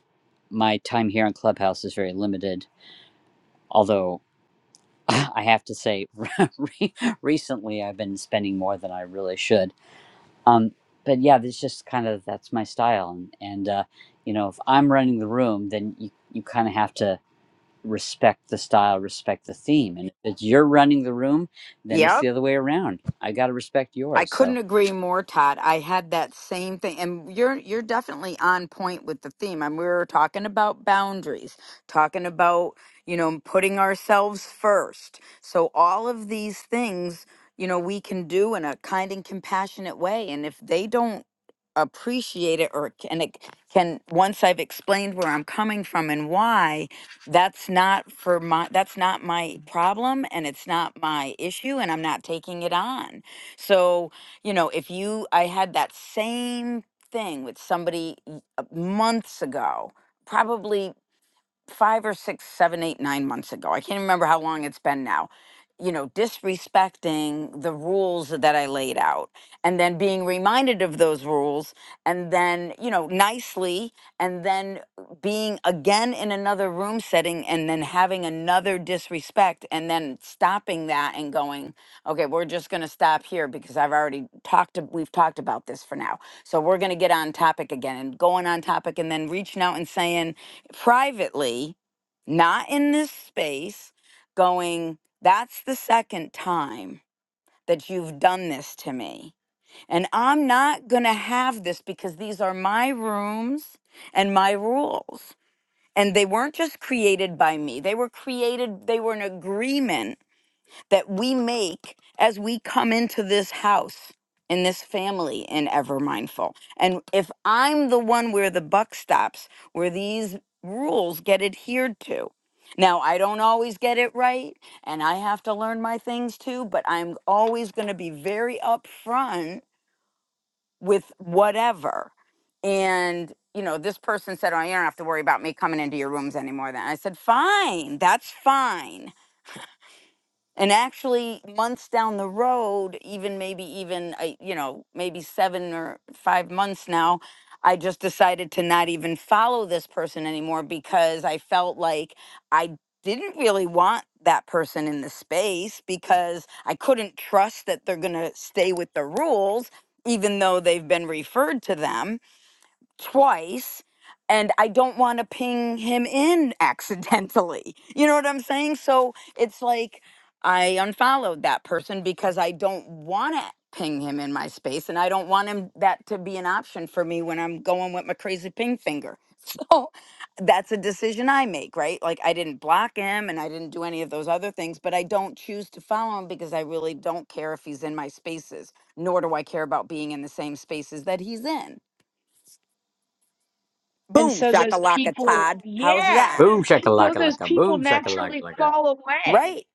my time here on clubhouse is very limited although i have to say recently i've been spending more than i really should um but yeah that's just kind of that's my style and, and uh you know if i'm running the room then you you kind of have to respect the style respect the theme and if it's you're running the room then it's
Yep.
the other way around i got to respect
I
yours so
couldn't agree more, Todd. I had that same thing, and you're you're definitely on point with the theme. And we were talking about boundaries, talking about you know putting ourselves first. So all of these things, you know, we can do in a kind and compassionate way. And if they don't appreciate it or can it can once I've explained where I'm coming from and why that's not for my that's not my problem and it's not my issue and I'm not taking it on. So, you know, if you I had that same thing with somebody y- uh, months ago, probably five or six, seven, eight, nine months ago. I can't remember how long it's been now. You know, disrespecting the rules that I laid out and then being reminded of those rules and then, you know, nicely and then being again in another room setting and then having another disrespect and then stopping that and going, okay, we're just going to stop here because I've already talked, ab- we've talked about this for now. So we're going to get on topic again and going on topic and then reaching out and saying, privately, not in this space, going, that's the second time that you've done this to me. And I'm not going to have this because these are my rooms and my rules. And they weren't just created by me, they were created, they were an agreement that we make as we come into this house in this family in ever mindful and if i'm the one where the buck stops where these rules get adhered to now i don't always get it right and i have to learn my things too but i'm always going to be very upfront with whatever and you know this person said oh you don't have to worry about me coming into your rooms anymore then i said fine that's fine and actually months down the road even maybe even I you know maybe 7 or 5 months now I just decided to not even follow this person anymore because I felt like I didn't really want that person in the space because I couldn't trust that they're going to stay with the rules even though they've been referred to them twice and I don't want to ping him in accidentally. You know what I'm saying? So it's like I unfollowed that person because I don't want to ping him in my space and I don't want him that to be an option for me when I'm going with my crazy ping finger. So that's a decision I make, right? Like I didn't block him and I didn't do any of those other things, but I don't choose to follow him because I really don't care if he's in my spaces, nor do I care about being in the same spaces that he's in.
And
Boom,
so those
shakalaka,
people,
Todd. How's
yeah,
that?
Boom
so
shakalaka
those
laka,
people
boom shakalaka
naturally
laka,
fall away.
Right?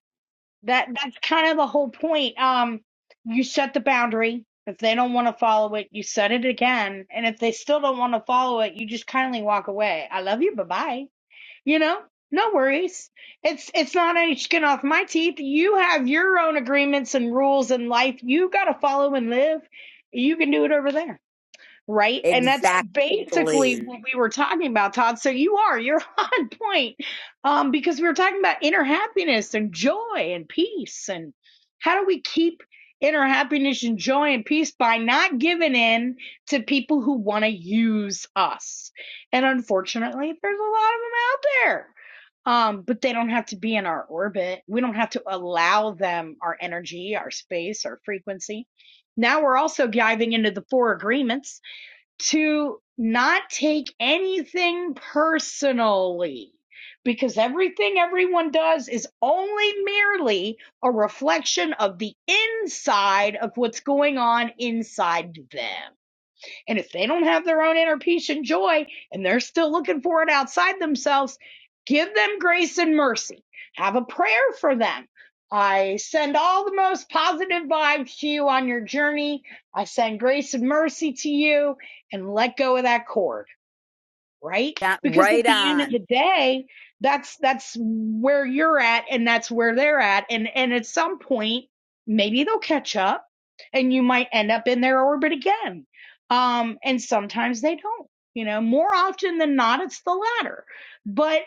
That that's kind of the whole point. Um, you set the boundary. If they don't want to follow it, you set it again. And if they still don't want to follow it, you just kindly walk away. I love you. Bye bye. You know, no worries. It's it's not any skin off my teeth. You have your own agreements and rules in life. You got to follow and live. You can do it over there right? And that's basically
Exactly.
what we were talking about, Todd. So you are, you're on point. Um, because we were talking about inner happiness and joy and peace. And how do we keep inner happiness and joy and peace by not giving in to people who want to use us? And unfortunately, there's a lot of them out there. Um, but they don't have to be in our orbit. We don't have to allow them our energy, our space, our frequency. Now we're also diving into the four agreements to not take anything personally because everything everyone does is only merely a reflection of the inside of what's going on inside them. And if they don't have their own inner peace and joy and they're still looking for it outside themselves, give them grace and mercy. Have a prayer for them. I send all the most positive vibes to you on your journey. I send grace and mercy to you and let go of that cord right?
That
Because at
right
the end of
on.
the day, that's that's where you're at and that's where they're at and and at some point maybe they'll catch up and you might end up in their orbit again. Um and sometimes they don't. You know, more often than not it's the latter. But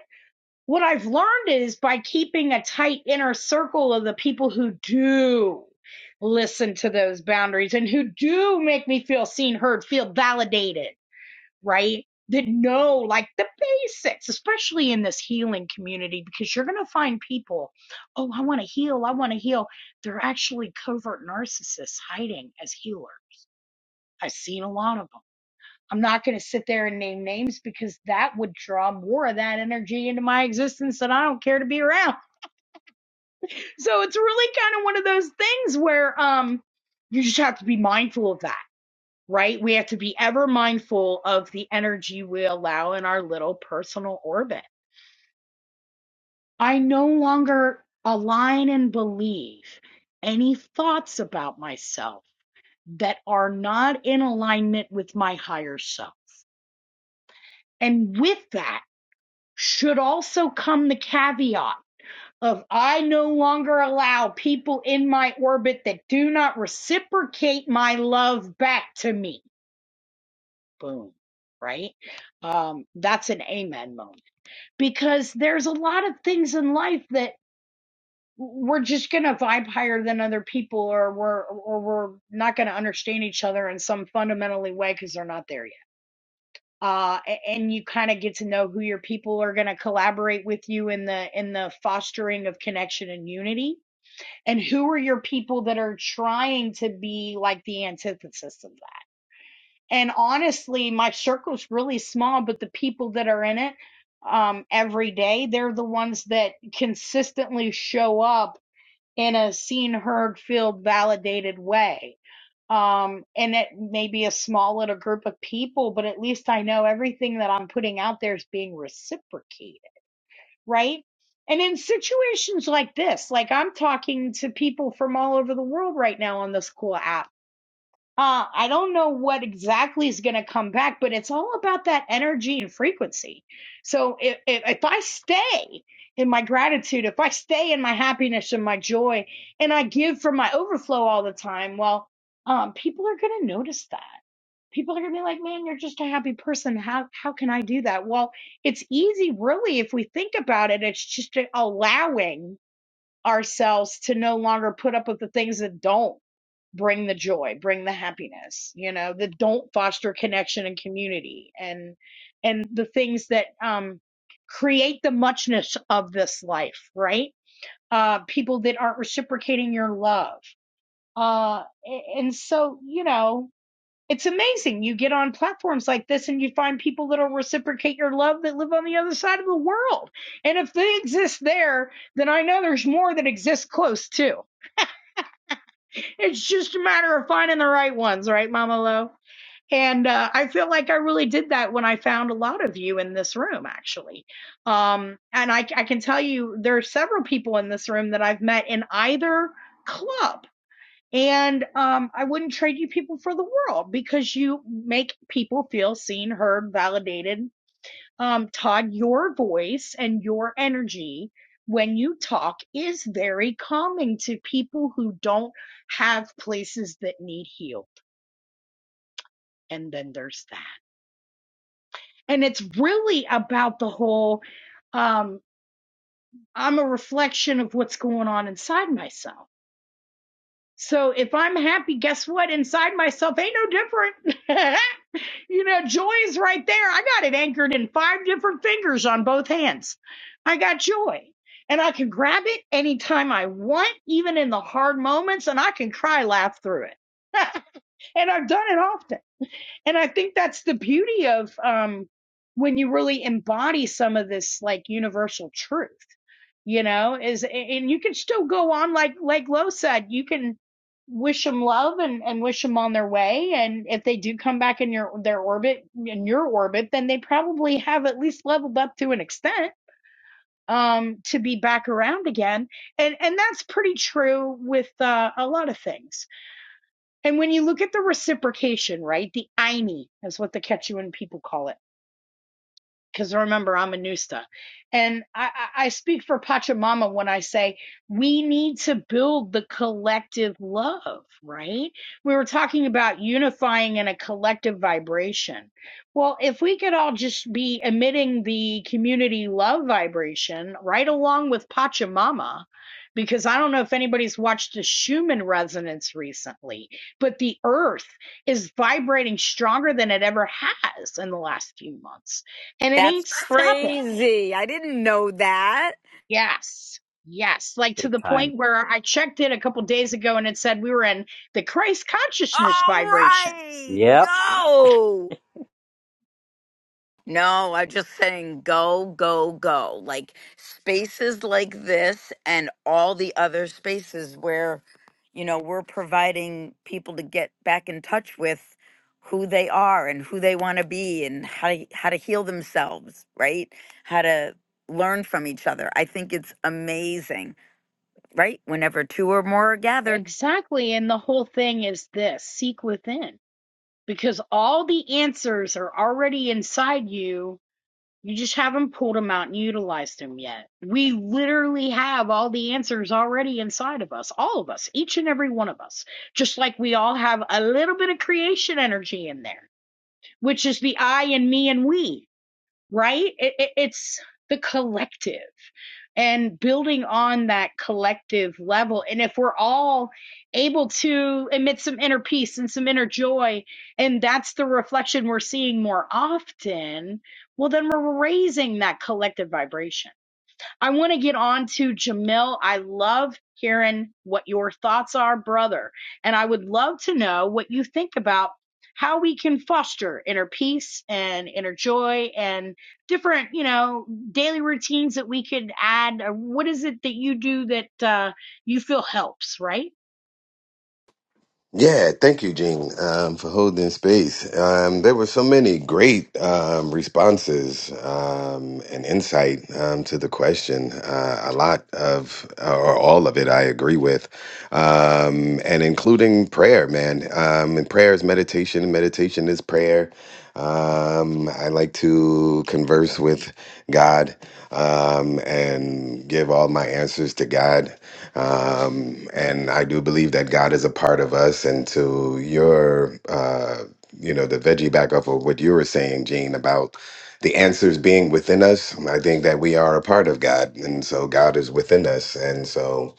what I've learned is by keeping a tight inner circle of the people who do listen to those boundaries and who do make me feel seen, heard, feel validated right? That know like the basics, especially in this healing community, because you're going to find people, oh, I want to heal, I want to heal. They're actually covert narcissists hiding as healer. I've seen a lot of them. I'm not going to sit there and name names because that would draw more of that energy into my existence that I don't care to be around. So it's really kind of one of those things where um you just have to be mindful of that right? We have to be ever mindful of the energy we allow in our little personal orbit. I no longer align and believe any thoughts about myself that are not in alignment with my higher self. And with that should also come the caveat of I no longer allow people in my orbit that do not reciprocate my love back to me. Boom. Right? Um, that's an amen moment because there's a lot of things in life that we're just going to vibe higher than other people or we're or we're not going to understand each other in some fundamentally way cuz they're not there yet. Uh and you kind of get to know who your people are going to collaborate with you in the in the fostering of connection and unity and who are your people that are trying to be like the antithesis of that and honestly my circle's really small but the people that are in it um every day they're the ones that consistently show up in a seen heard filled validated way um and it may be a small little group of people but at least i know everything that i'm putting out there is being reciprocated right and in situations like this like i'm talking to people from all over the world right now on this cool app uh, I don't know what exactly is going to come back, but it's all about that energy and frequency. So if, if if I stay in my gratitude, if I stay in my happiness and my joy, and I give from my overflow all the time, well, um, people are going to notice that. People are going to be like, "Man, you're just a happy person. How how can I do that?" Well, it's easy, really, if we think about it. It's just allowing ourselves to no longer put up with the things that don't bring the joy bring the happiness you know that don't foster connection and community and and the things that um create the muchness of this life right uh people that aren't reciprocating your love uh a- and so you know it's amazing. You get on platforms like this and you find people that'll reciprocate your love that live on the other side of the world. And if they exist there, then I know there's more that exist close too. It's just a matter of finding the right ones, right, Mama Lo? And uh, I feel like I really did that when I found a lot of you in this room, actually. Um, and I, I can tell you there are several people in this room that I've met in either club and um, I wouldn't trade you people for the world because you make people feel seen, heard, validated. Um, Todd, your voice and your energy when you talk is very calming to people who don't have places that need healed. And then there's that. And it's really about the whole um, I'm a reflection of what's going on inside myself. So if I'm happy, guess what? Inside myself ain't no different. You know, joy is right there. I got it anchored in five different fingers on both hands. I got joy. And I can grab it anytime I want, even in the hard moments, and I can cry, laugh through it. and I've done it often. And I think that's the beauty of um, when you really embody some of this like universal truth you know is and you can still go on like like Lo said you can wish them love and and wish them on their way and if they do come back in your their orbit in your orbit then they probably have at least leveled up to an extent um to be back around again and and that's pretty true with uh, a lot of things and when you look at the reciprocation right the iny is what the quechuan people call it because remember I'm a Nusta. And I, I speak for Pachamama when I say we need to build the collective love, right? We were talking about unifying in a collective vibration. Well, if we could all just be emitting the community love vibration right along with Pachamama, because I don't know if anybody's watched the Schumann resonance recently, but the earth is vibrating stronger than it ever has in the last few months and it
That's
ain't stopping.
crazy. I didn't know that.
Yes. Yes. Like to
big
the
time.
point where I checked in a couple days ago and it said we were in the Christ consciousness
All
vibration.
right, go. No, I'm just saying go, go, go. Like spaces like this and all the other spaces where, you know, we're providing people to get back in touch with who they are and who they want to be and how to, how to heal themselves, right? How to learn from each other. I think it's amazing, right? Whenever two or more are gathered,
Exactly. And the whole thing is this seek within because all the answers are already inside you You just haven't pulled them out and utilized them yet. We literally have all the answers already inside of us, all of us, each and every one of us. Just like we all have a little bit of creation energy in there, which is the I and me and we right? It, it, it's the collective and building on that collective level. And if we're all able to emit some inner peace and some inner joy, and that's the reflection we're seeing more often, well, then we're raising that collective vibration. I want to get on to Jamil. I love hearing what your thoughts are, brother. And I would love to know what you think about how we can foster inner peace and inner joy and different, you know, daily routines that we could add. Or What is it that you do that uh, you feel helps, right?
Yeah, thank you, Gene, um, for holding space. Um, there were so many great um, responses um, and insight um, to the question. Uh, a lot of, or all of it, I agree with, um, and including prayer, man. Um, and prayer is meditation, and meditation is prayer. Um, I like to converse with God um, and give all my answers to God. Um, and I do believe that God is a part of us. And to your, uh, you know, the veggie back up of what you were saying, Gene, about the answers being within us, I think that we are a part of God. And so God is within us. And so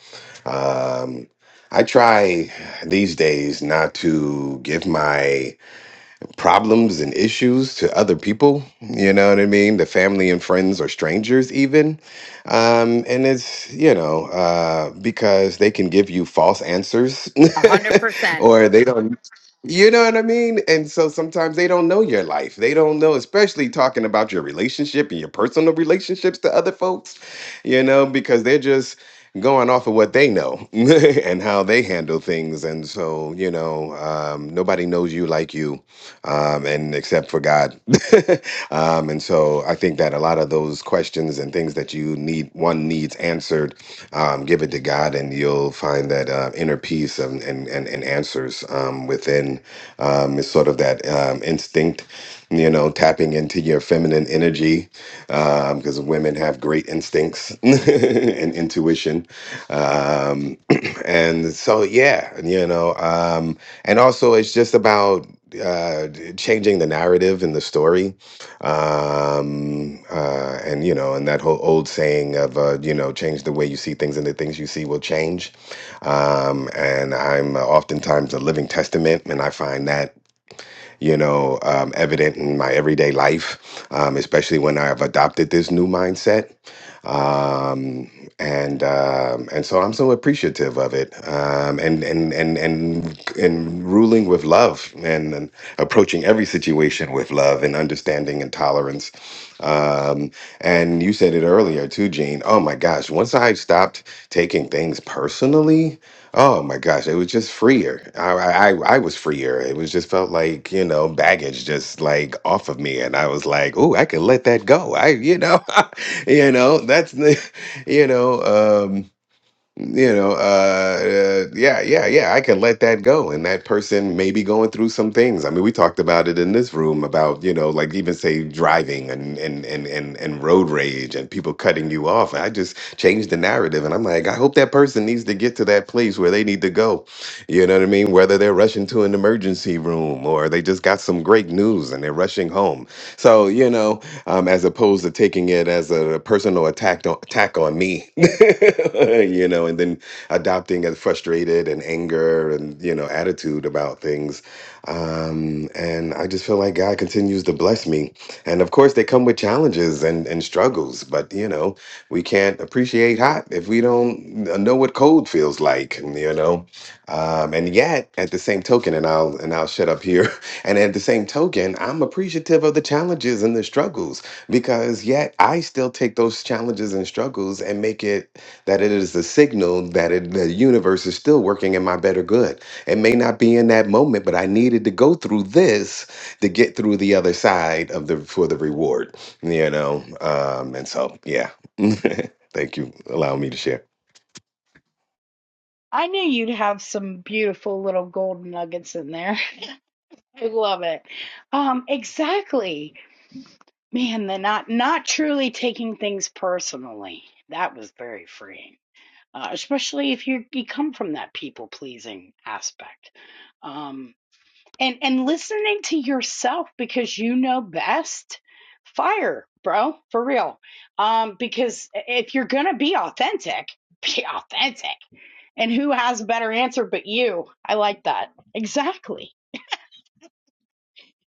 um, I try these days not to give my problems and issues to other people. You know what I mean? The family and friends or strangers, even. Um, and it's, you know, uh, because they can give you false answers
100%.
or they don't. You know what I mean? And so sometimes they don't know your life. They don't know, especially talking about your relationship and your personal relationships to other folks, you know, because they're just going off of what they know and how they handle things. And so, you know, um, nobody knows you like you um, and except for God. um, and so I think that a lot of those questions and things that you need, one needs answered, um, give it to God, and you'll find that uh, inner peace and, and, and, and answers um, within um, is sort of that um, instinct you know, tapping into your feminine energy because women have great instincts and intuition. Um, and so, yeah, you know, um, and also it's just about uh d- changing the narrative and the story um uh and you know and that whole old saying of uh you know change the way you see things and the things you see will change um and i'm uh, oftentimes a living testament and i find that you know, um, evident in my everyday life, um, especially when I've adopted this new mindset. Um, and um, and so I'm so appreciative of it, um, and and and and and ruling with love, and, and approaching every situation with love and understanding and tolerance. Um, and you said it earlier too, Gene. Oh my gosh! Once I stopped taking things personally, Oh my gosh, it was just freer. I, I I I was freer. It was just felt like, you know, baggage just like off of me. And I was like, "Ooh, I can let that go. I, you know, you know, that's the, you know, um, you know uh, uh yeah yeah yeah i can let that go and that person may be going through some things i mean we talked about it in this room about you know like even say driving and and and and, and road rage and people cutting you off i just changed the narrative and i'm like i hope that person needs to get to that place where they need to go you know what i mean whether they're rushing to an emergency room or they just got some great news and they're rushing home so you know um, as opposed to taking it as a personal attack on, attack on me, you know, and then adopting a frustrated and anger and you know attitude about things. Um, and I just feel like God continues to bless me, and of course they come with challenges and and struggles, but you know we can't appreciate hot if we don't know what cold feels like, you know. Um, and yet, at the same token, and I'll and I'll shut up here. And at the same token, I'm appreciative of the challenges and the struggles because yet I still take those challenges and struggles and make it that it is a signal that it, the universe is still working in my better good. It may not be in that moment, but I needed to go through this to get through the other side of the for the reward, you know. Um, and so, yeah. Thank you. Allow me to share.
I knew you'd have some beautiful little gold nuggets in there. I love it. Um, exactly. Man, the not not truly taking things personally. That was very freeing, uh, especially if you you come from that people pleasing aspect, um, and and listening to yourself because you know best. Fire, bro, for real. Um, because if you're gonna be authentic, be authentic. And who has a better answer but you? I like that. Exactly.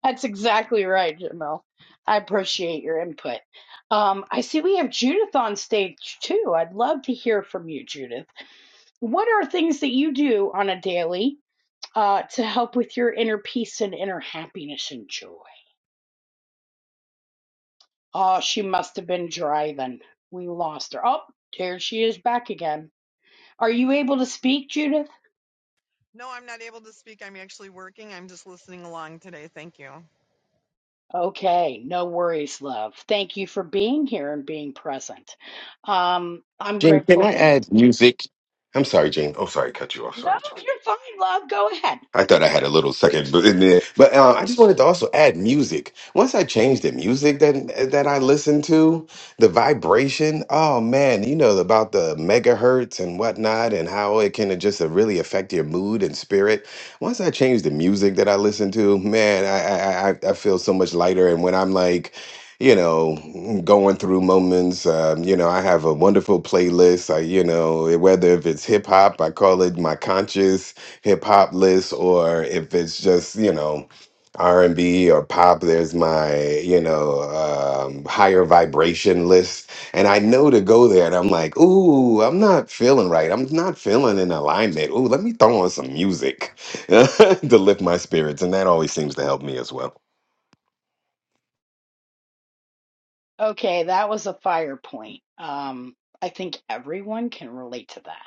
That's exactly right, Jamil. I appreciate your input. Um, I see we have Judith on stage too. I'd love to hear from you, Judith. What are things that you do on a daily uh, to help with your inner peace and inner happiness and joy? Oh, she must have been driving. We lost her. Oh, there she is back again. Are you able to speak, Judith?
No, I'm not able to speak. I'm actually working. I'm just listening along today. Thank you.
Okay, no worries, love. Thank you for being here and being present. Um, I'm
Gene, can
grateful
I
for you.
add music? I'm sorry, Gene. Oh, sorry, cut you off.
No,
Sorry.
you're fine, love. Go ahead.
I thought I had a little second but in there, but um, I just wanted to also add music. Once I changed the music that that I listened to, the vibration. Oh man, you know about the megahertz and whatnot, and how it can just uh, really affect your mood and spirit. Once I changed the music that I listened to, man, I I, I I feel so much lighter. And when I'm like. You know, going through moments. Um, you know, I have a wonderful playlist. I, you know, whether if it's hip hop, I call it my conscious hip hop list or if it's just you know R and B or pop. There's my you know um, higher vibration list, and I know to go there. And I'm like, ooh, I'm not feeling right. I'm not feeling in alignment. Ooh, let me throw on some music to lift my spirits, and that always seems to help me as well.
Okay, that was a fire point. Um, I think everyone can relate to that.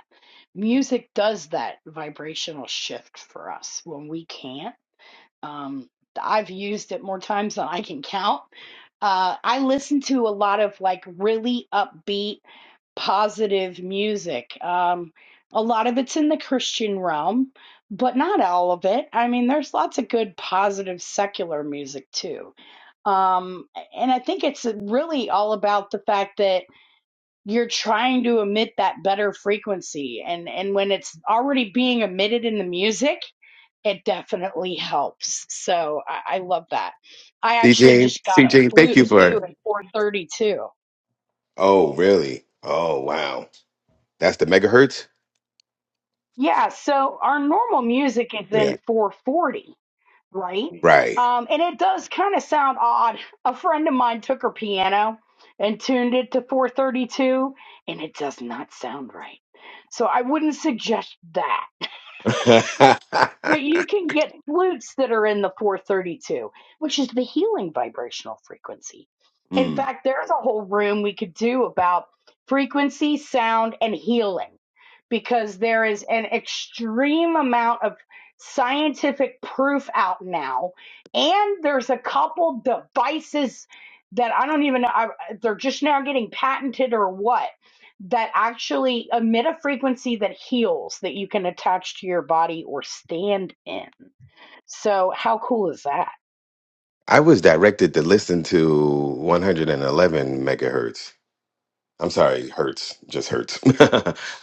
Music does that vibrational shift for us when we can't. Um, I've used it more times than I can count. Uh, I listen to a lot of like really upbeat, positive music. Um, a lot of it's in the Christian realm, but not all of it. I mean, there's lots of good, positive, secular music too Um, and I think it's really all about the fact that you're trying to emit that better frequency. And, and when it's already being emitted in the music, it definitely helps. So I, I love that. I actually
CJ,
just got a
CJ, thank
flute
you
too
for.
at 432.
Oh, really? Oh, wow. That's the megahertz.
Yeah. So our normal music is in
Yeah.
440. right?
Right.
Um, and it does kind of sound odd. A friend of mine took her piano and tuned it to 432, and it does not sound right. So I wouldn't suggest that. But you can get flutes that are in the 432, which is the healing vibrational frequency. In
Hmm.
fact, there's a whole room we could do about frequency, sound, and healing because there is an extreme amount of scientific proof out now. And there's a couple devices that I don't even know, I, they're just now getting patented or what that actually emit a frequency that heals that you can attach to your body or stand in. So how cool is that?
I was directed to listen to 111 megahertz. I'm sorry, hertz, just hertz.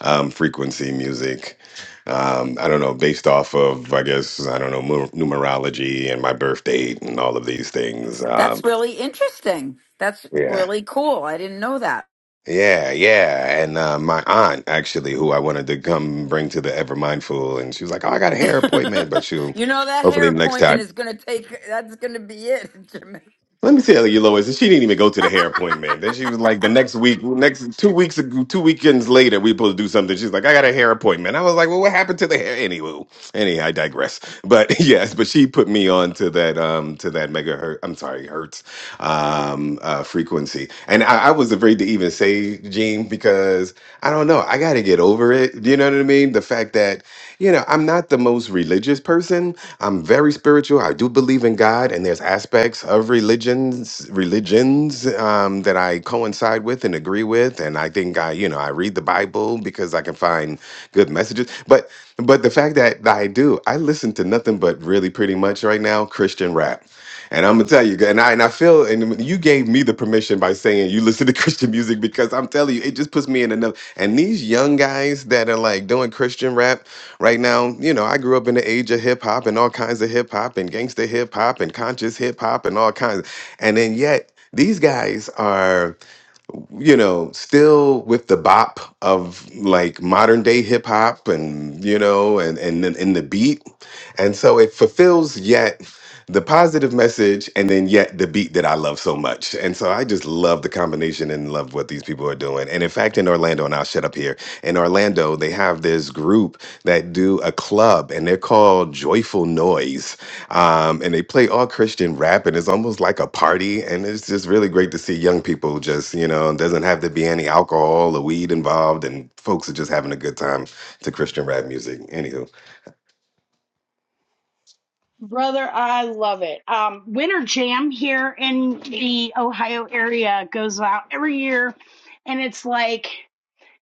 um, frequency music. Um, I don't know, based off of, I guess, I don't know, mu- numerology and my birth date and all of these things. Um,
That's really interesting. That's
yeah.
really cool. I didn't know that.
Yeah, yeah. And uh, my aunt, actually, who I wanted to come bring to the Ever Mindful, and she was like, oh, I got a hair appointment, but she'll
you know that hair
hopefully next time.
appointment is going to take. That's going to be it. Jamil.
Let me tell you, Lois, she didn't even go to the hair appointment. Then she was like, the next week, next two weeks, ago- two weekends later, we supposed to do something. She's like, I got a hair appointment. I was like, well, what happened to the hair? Anywho, anyhow, I digress. But yes, but she put me on to that, um, to that megahertz. I'm sorry, hertz, um, uh, frequency. And I, I was afraid to even say Gene because I don't know. I got to get over it. You know what I mean? The fact that you know, I'm not the most religious person. I'm very spiritual. I do believe in God, and there's aspects of religions, religions um, that I coincide with and agree with. And I think I, you know, I read the Bible because I can find good messages. But but the fact that I do, I listen to nothing but really pretty much right now Christian rap. And I'm gonna tell you, and I and I feel, and you gave me the permission by saying you listen to Christian music because I'm telling you, it just puts me in another. And these young guys that are like doing Christian rap right now, you know, I grew up in the age of hip hop and all kinds of hip hop and gangster hip hop and conscious hip hop and all kinds. And then yet these guys are you know, still with the bop of like modern day hip hop and you know, and and then in the beat. And so it fulfills yet the positive message and then yet the beat that I love so much. And so I just love the combination and love what these people are doing. And in fact in Orlando, and I'll shut up here, in Orlando, they have this group that do a club and they're called Joyful Noise um, and they play all Christian rap, and it's almost like a party. And it's just really great to see young people just, you know, it doesn't have to be any alcohol or weed involved, and folks are just having a good time to Christian rap music. Anywho,
Brother, I love it. Um, Winter Jam here in the Ohio area goes out every year, and it's like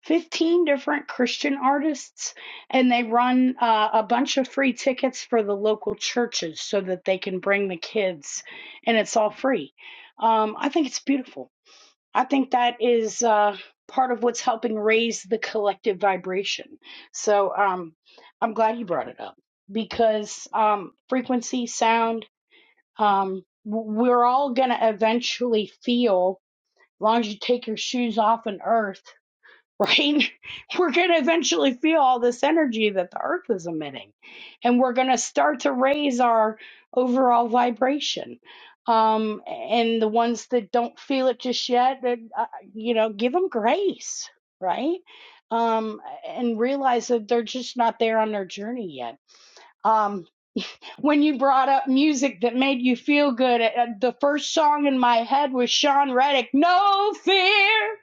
15 different Christian artists, and they run uh, a bunch of free tickets for the local churches so that they can bring the kids, and it's all free. Um, I think it's beautiful. I think that is uh, part of what's helping raise the collective vibration. So um, I'm glad you brought it up because um, frequency, sound, um, we're all going to eventually feel, as long as you take your shoes off on earth right? We're going to eventually feel all this energy that the earth is emitting, and we're going to start to raise our overall vibration. Um, and the ones that don't feel it just yet, that, uh, you know, give them grace, right? Um, and realize that they're just not there on their journey yet. Um, when you brought up music that made you feel good. Uh, uh, The first song in my head was Sean Reddick, No Fear,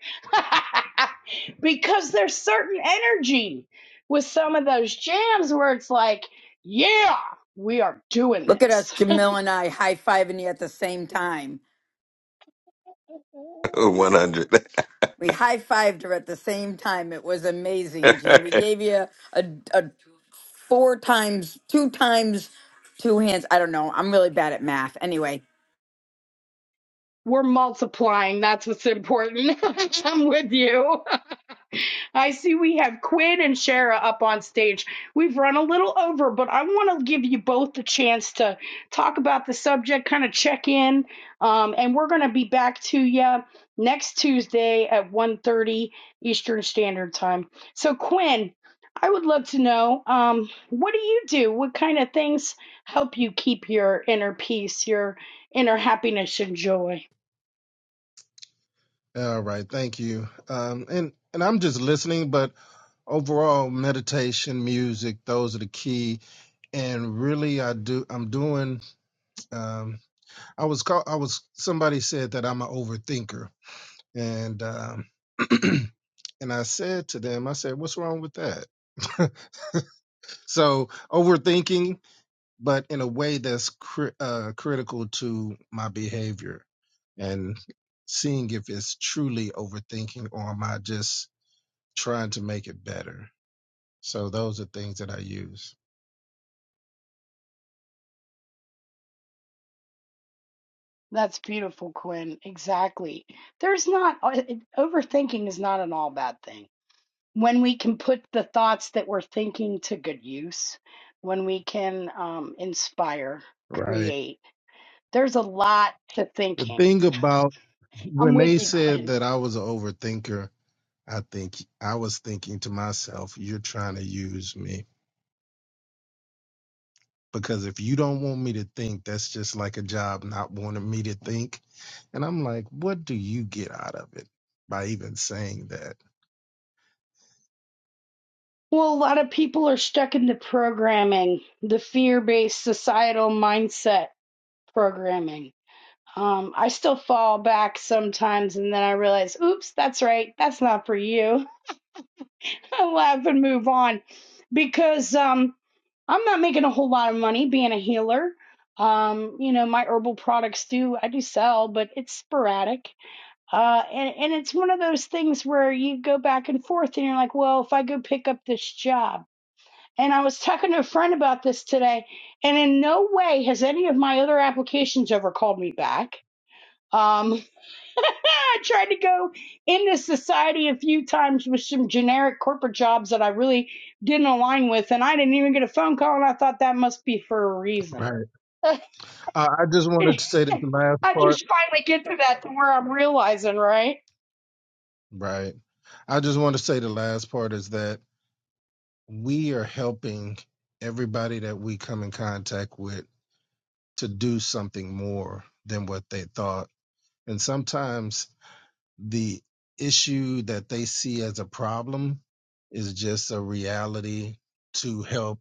because there's certain energy with some of those jams where it's like, yeah, we are doing
Look at us,
this.
Jamil and I high fiving you at the same time.
100.
We high fived her at the same time. It was amazing, Gene. We gave you a, a four times, two times, two hands. I don't know. I'm really bad at math. Anyway,
We're multiplying. That's what's important. I'm with you. I see we have Quinn and Shara up on stage. We've run a little over, but I want to give you both the chance to talk about the subject, kind of check in, um, and we're going to be back to you next Tuesday at 1.30 Eastern Standard Time. So, Quinn, I would love to know um, what do you do? What kind of things help you keep your inner peace, your inner happiness and joy?
All right, thank you. Um, and and I'm just listening, but overall, meditation, music, those are the key. And really, I do. I'm doing. Um, I was called. I was. Somebody said that I'm an overthinker, and um, and I said to them, I said, "What's wrong with that?" so overthinking, but in a way that's cri- uh, critical to my behavior, and seeing if it's truly overthinking or am I just trying to make it better. So those are things that I use.
That's beautiful, Quinn. Exactly. There's not, uh, it- overthinking is not an all bad thing. When we can put the thoughts that we're thinking to good use, when we can um, inspire,
Right.
create, there's a lot to
The
thinking.
thing about
I'm
when they
with you,
said
Quinn.
that I was an overthinker, I think I was thinking to myself, you're trying to use me. Because if you don't want me to think, that's just like a job not wanting me to think. And I'm like, what do you get out of it by even saying that?
Well, a lot of people are stuck in the programming, the fear based societal mindset programming. Um, I still fall back sometimes and then I realize, oops, that's right, that's not for you. I laugh and move on because um, I'm not making a whole lot of money being a healer. Um, you know, my herbal products do, I do sell, but it's sporadic. Uh, and, and it's one of those things where you go back and forth and you're like, well, if I go pick up this job, and I was talking to a friend about this today, and in no way has any of my other applications ever called me back. Um, I tried to go into society a few times with some generic corporate jobs that I really didn't align with, and I didn't even get a phone call, and I thought that must be for a reason.
Right. I, I just wanted to say that the last
I
part.
just finally get to that to where I'm realizing, right?
Right. I just want to say the last part is that we are helping everybody that we come in contact with to do something more than what they thought. And sometimes the issue that they see as a problem is just a reality to help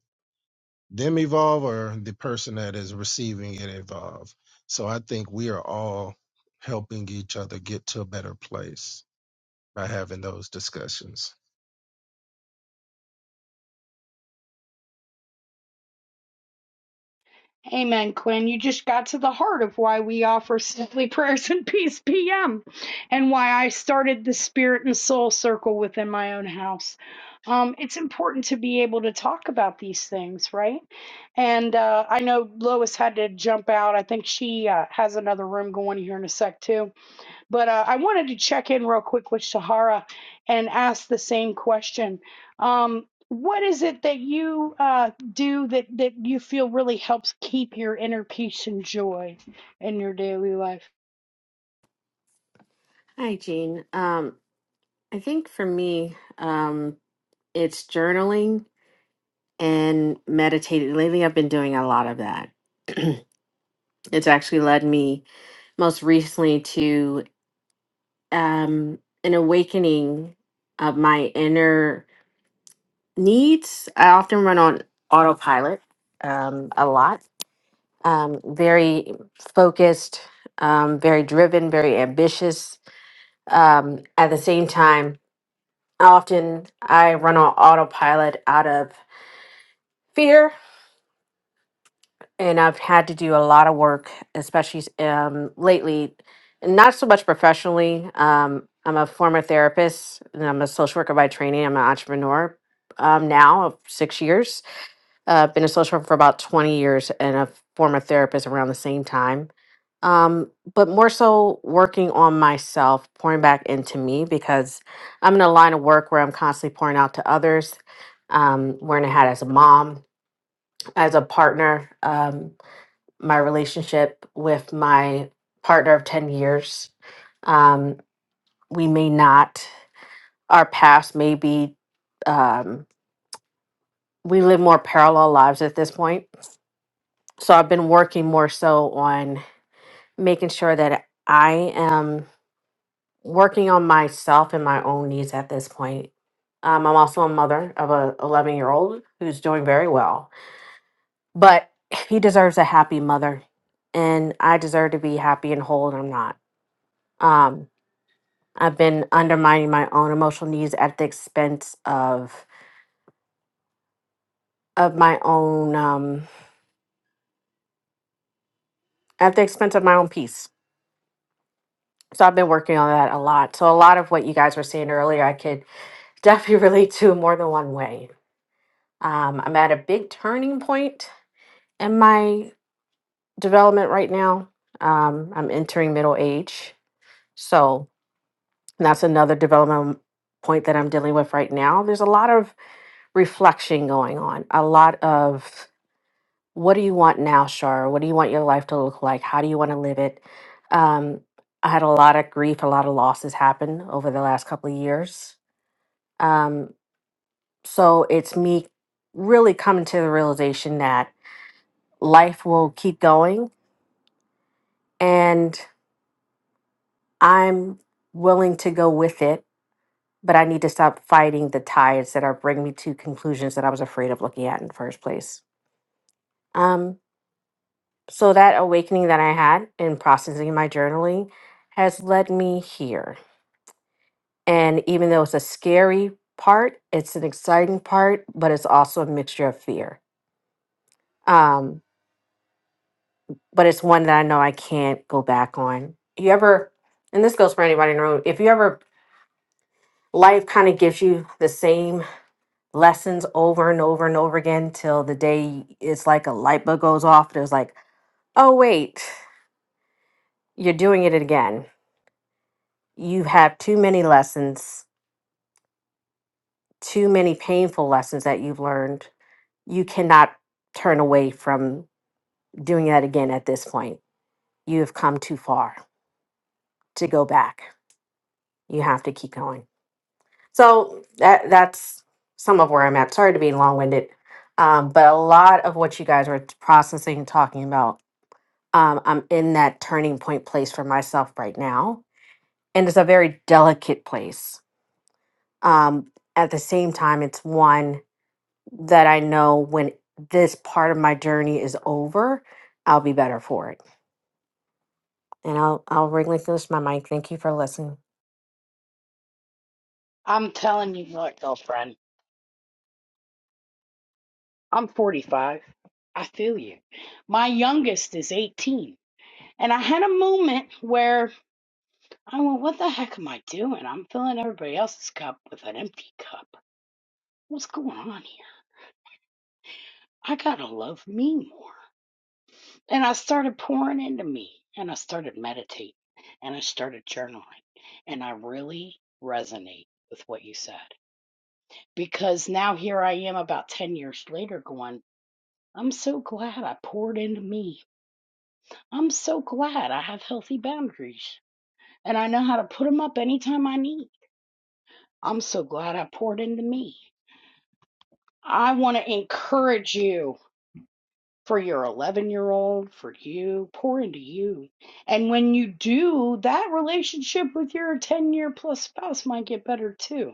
them evolve or the person that is receiving it evolve. So I think we are all helping each other get to a better place by having those discussions.
Amen, Quinn. You just got to the heart of why we offer Simply Prayers and Peace PM and why I started the Spirit and Soul Circle within my own house. Um, it's important to be able to talk about these things, right? And uh, I know Lois had to jump out. I think she uh, has another room going here in a sec, too. But uh, I wanted to check in real quick with Shahara and ask the same question. Um, what is it that you uh, do that, that you feel really helps keep your inner peace and joy in your daily life?
Hi, Jean. Um, I think for me, um, it's journaling and meditating. Lately, I've been doing a lot of that. it's actually led me most recently to um, an awakening of my inner needs. I often run on autopilot um, a lot, um, very focused, um, very driven, very ambitious. Um, at the same time, often I run on autopilot out of fear, and I've had to do a lot of work, especially um, lately, not so much professionally. Um, I'm a former therapist, and I'm a social worker by training. I'm an entrepreneur um, now of six years, uh, been a social worker for about 20 years and a former therapist around the same time. Um, but more so working on myself, pouring back into me because I'm in a line of work where I'm constantly pouring out to others, um, wearing a hat as a mom, as a partner. Um, my relationship with my partner of 10 years, um, we may not, our past may be, um, we live more parallel lives at this point so I've been working more so on making sure that I am working on myself and my own needs at this point. Um, I'm also a mother of a 11 year old who's doing very well, but he deserves a happy mother, and I deserve to be happy and whole, and I'm not. Um, I've been undermining my own emotional needs at the expense of of my own um, at the expense of my own peace. So I've been working on that a lot. So a lot of what you guys were saying earlier, I could definitely relate to more than one way. Um, I'm at a big turning point in my development right now. Um, I'm entering middle age. So that's another development point that I'm dealing with right now. There's a lot of reflection going on, a lot of what do you want now, Shar? What do you want your life to look like? How do you want to live it? Um, I had a lot of grief, a lot of losses happen over the last couple of years. Um, So it's me really coming to the realization that life will keep going and I'm willing to go with it, but I need to stop fighting the tides that are bringing me to conclusions that I was afraid of looking at in the first place. Um, so that awakening that I had in processing my journaling has led me here. And even though it's a scary part, it's an exciting part, but it's also a mixture of fear. Um, but it's one that I know I can't go back on. You ever, and this goes for anybody in the room, if you ever, life kind of gives you the same lessons over and over and over again till the day it's like a light bulb goes off. There's like, oh, wait, you're doing it again. You have too many lessons, too many painful lessons that you've learned. You cannot turn away from doing that again at this point. You have come too far to go back. You have to keep going. So that that's some of where I'm at. Sorry to be long winded, um, but a lot of what you guys were t- processing, talking about, um, I'm in that turning point place for myself right now, and it's a very delicate place. Um, at the same time, it's one that I know when this part of my journey is over, I'll be better for it. And I'll I'll relinquish my mic. Thank you for listening.
I'm telling you, look, girlfriend, I'm 45. I feel you. My youngest is 18. And I had a moment where I went, What the heck am I doing? I'm filling everybody else's cup with an empty cup. What's going on here? I gotta love me more. And I started pouring into me and I started meditating and I started journaling. And I really resonate with what you said because now here I am about 10 years later going, I'm so glad I poured into me. I'm so glad I have healthy boundaries and I know how to put them up anytime I need. I'm so glad I poured into me. I want to encourage you for your 11 year old, for you. Pour into you. And when you do, that relationship with your 10 year plus spouse might get better too.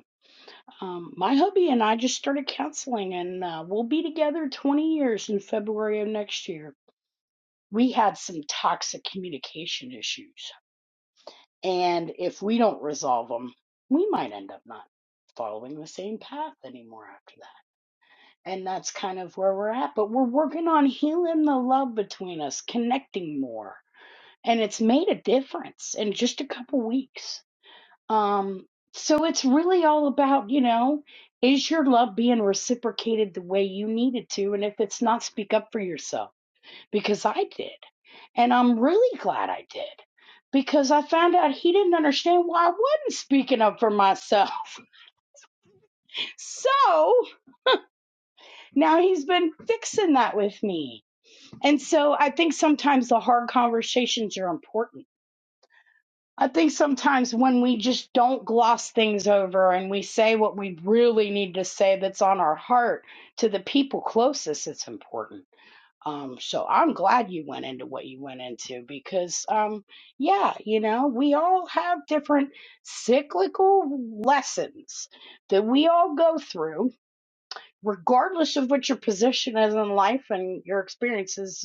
Um, my hubby and I just started counseling, and uh, we'll be together 20 years in February of next year. We had some toxic communication issues. And if we don't resolve them, we might end up not following the same path anymore after that and that's kind of where we're at. But we're working on healing the love between us, connecting more, and it's made a difference in just a couple weeks. Um, so it's really all about, you know, is your love being reciprocated the way you need it to? And if it's not, speak up for yourself because I did, and I'm really glad I did. Because I found out he didn't understand why I wasn't speaking up for myself. So now he's been fixing that with me And so I think sometimes the hard conversations are important. I think sometimes when we just don't gloss things over and we say what we really need to say that's on our heart to the people closest, it's important. Um, so I'm glad you went into what you went into because, um, yeah, you know, we all have different cyclical lessons that we all go through, regardless of what your position is in life and your experiences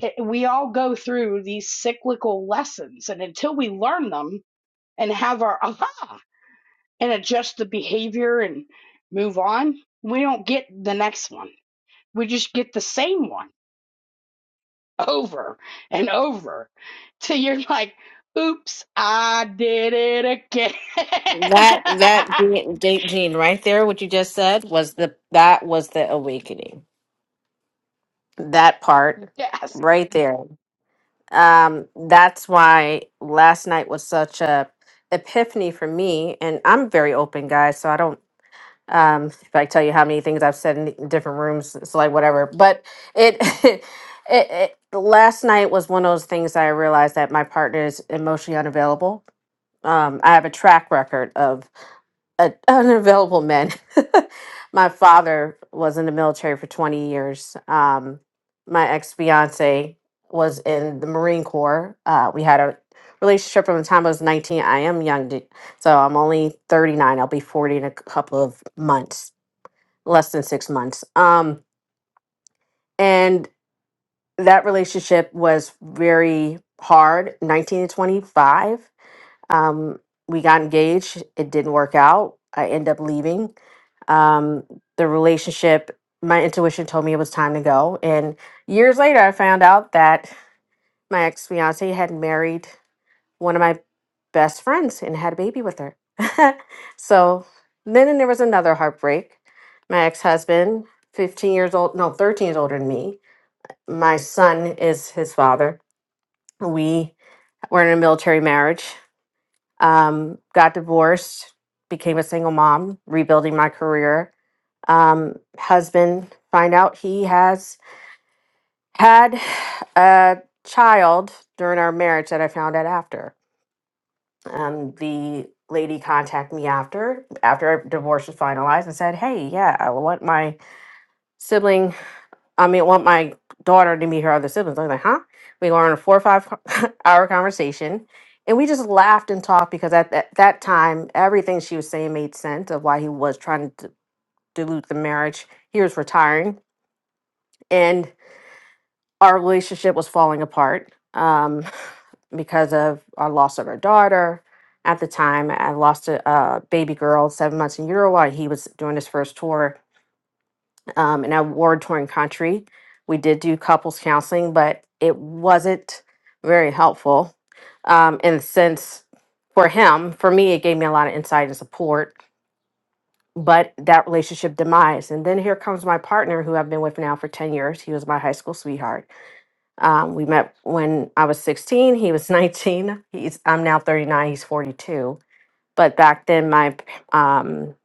it- we all go through these cyclical lessons and until we learn them and have our aha and adjust the behavior and move on we don't get the next one we just get the same one over and over till you're like oops i did it again
That that Jean, Jean, right there, what you just said was the that was the awakening that part
yes
right there um that's why last night was such a epiphany for me and i'm very open guys. so i don't um if i tell you how many things i've said in different rooms it's like whatever but it it, it last night was one of those things that i realized that my partner is emotionally unavailable um i have a track record of a, unavailable men. my father was in the military for 20 years. Um, my ex fiance was in the Marine Corps. Uh, we had a relationship from the time I was 19. I am young, d- so I'm only 39. I'll be 40 in a couple of months, less than six months. Um, and that relationship was very hard, 19 to 25. Um, we got engaged. It didn't work out. I ended up leaving um, the relationship, my intuition told me it was time to go. And years later, I found out that my ex fiance had married one of my best friends and had a baby with her. so then there was another heartbreak. My ex husband, 15 years old, no, 13 years older than me. My son is his father. We were in a military marriage, um, got divorced, became a single mom, rebuilding my career um, husband find out he has had a child during our marriage that I found out after. Um, the lady contacted me after after our divorce was finalized and said, "Hey, yeah, I want my sibling. I mean, I want my daughter to meet her other siblings." I was like, "Huh?" We were on a four or five hour conversation. And we just laughed and talked because at that, that time, everything she was saying made sense of why he was trying to d- dilute the marriage. He was retiring. And our relationship was falling apart um, because of our loss of our daughter. At the time, I lost a, a baby girl, seven months in utero, while he was doing his first tour um, in a war torn country. We did do couples counseling, but it wasn't very helpful um, in the sense for him. For me, it gave me a lot of insight and support, but that relationship demise. And then here comes my partner, who I've been with now for 10 years. He was my high school sweetheart um, we met when I was 16. He was 19. He's I'm now 39. He's 42. But back then, my um,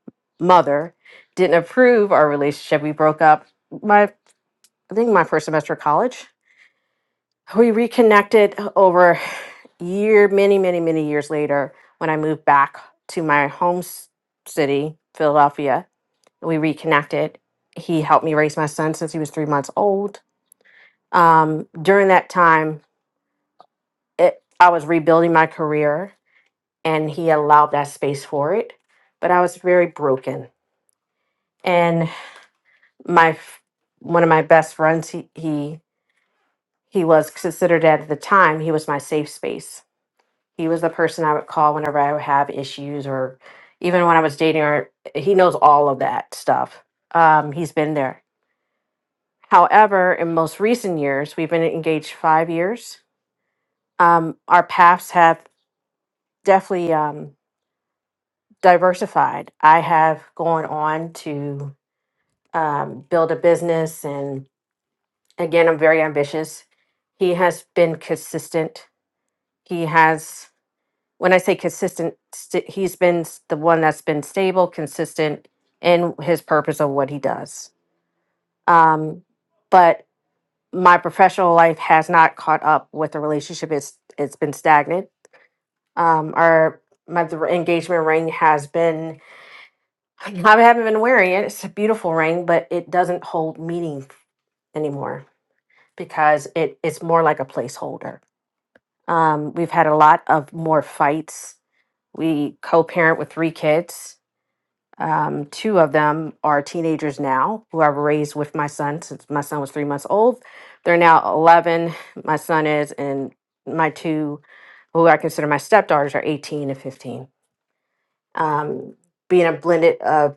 mother didn't approve our relationship. We broke up. My I think my first semester of college. We reconnected over year, many, many, many years later when I moved back to my home s- city, Philadelphia. We reconnected. He helped me raise my son since he was three months old. Um, during that time, it, I was rebuilding my career and he allowed that space for it. But I was very broken. And my f- one of my best friends, he he, he was considered at the time, he was my safe space. He was the person I would call whenever I would have issues or even when I was dating or he knows all of that stuff. Um, he's been there. However, in most recent years, we've been engaged five years. Um, our paths have definitely Um, diversified. I have gone on to um, build a business, and again, I'm very ambitious. He has been consistent. He has, when I say consistent, st- he's been s- the one that's been stable, consistent in his purpose of what he does. Um, but my professional life has not caught up with the relationship. It's it's been stagnant. Um, our my the engagement ring has been I haven't been wearing it. It's a beautiful ring, but it doesn't hold meaning anymore because it it's more like a placeholder. Um, we've had a lot of more fights. We co-parent with three kids. Um, two of them are teenagers now, who I've raised with my son since my son was three months old. They're now eleven. My son is, and my two, who I consider my stepdaughters, are eighteen and fifteen. Um, being a blended uh,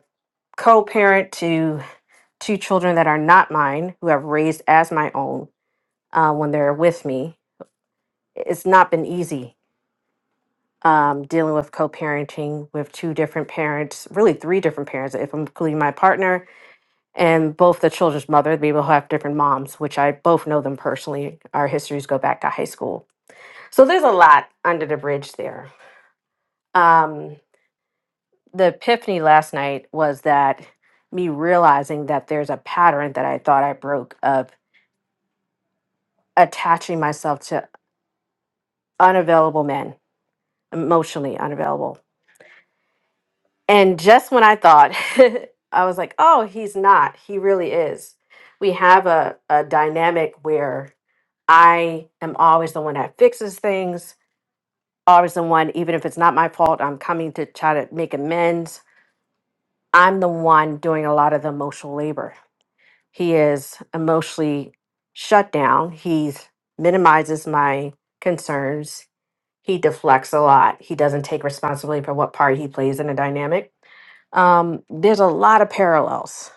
co-parent to two children that are not mine, who I've raised as my own uh, when they're with me. It's not been easy um, dealing with co parenting with two different parents, really three different parents, if I'm including my partner and both the children's mother. They will have different moms, which I both know them personally. Our histories go back to high school. So there's a lot under the bridge there. Um, the epiphany last night was that me realizing that there's a pattern that I thought I broke of attaching myself to unavailable men, emotionally unavailable. And just when I thought, I was like, oh, he's not. He really is. We have a, a dynamic where I am always the one that fixes things, always the one, even if it's not my fault, I'm coming to try to make amends. I'm the one doing a lot of the emotional labor. He is emotionally shut down. He minimizes my concerns He deflects a lot. He doesn't take responsibility for what part he plays in a dynamic. Um, there's a lot of parallels.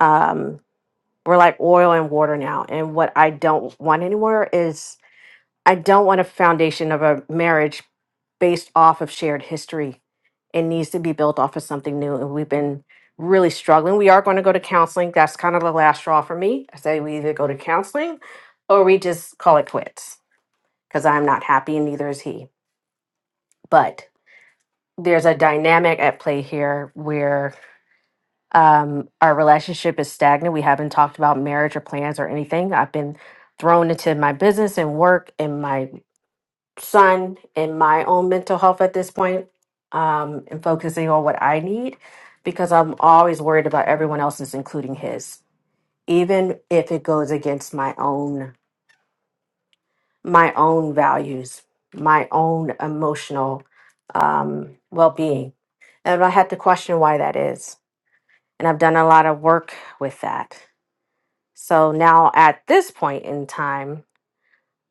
Um, we're like oil and water now. And what I don't want anymore is I don't want a foundation of a marriage based off of shared history. It needs to be built off of something new. And we've been really struggling. We are going to go to counseling. That's kind of the last straw for me. I say we either go to counseling or we just call it quits because I'm not happy and neither is he. But. there's a dynamic at play here where um, our relationship is stagnant. We haven't talked about marriage or plans or anything. I've been thrown into my business and work and my son and my own mental health at this point um, and focusing on what I need because I'm always worried about everyone else's, including his, even if it goes against my own my own values, my own emotional um, well being. And I had to question why that is and I've done a lot of work with that. So now at this point in time,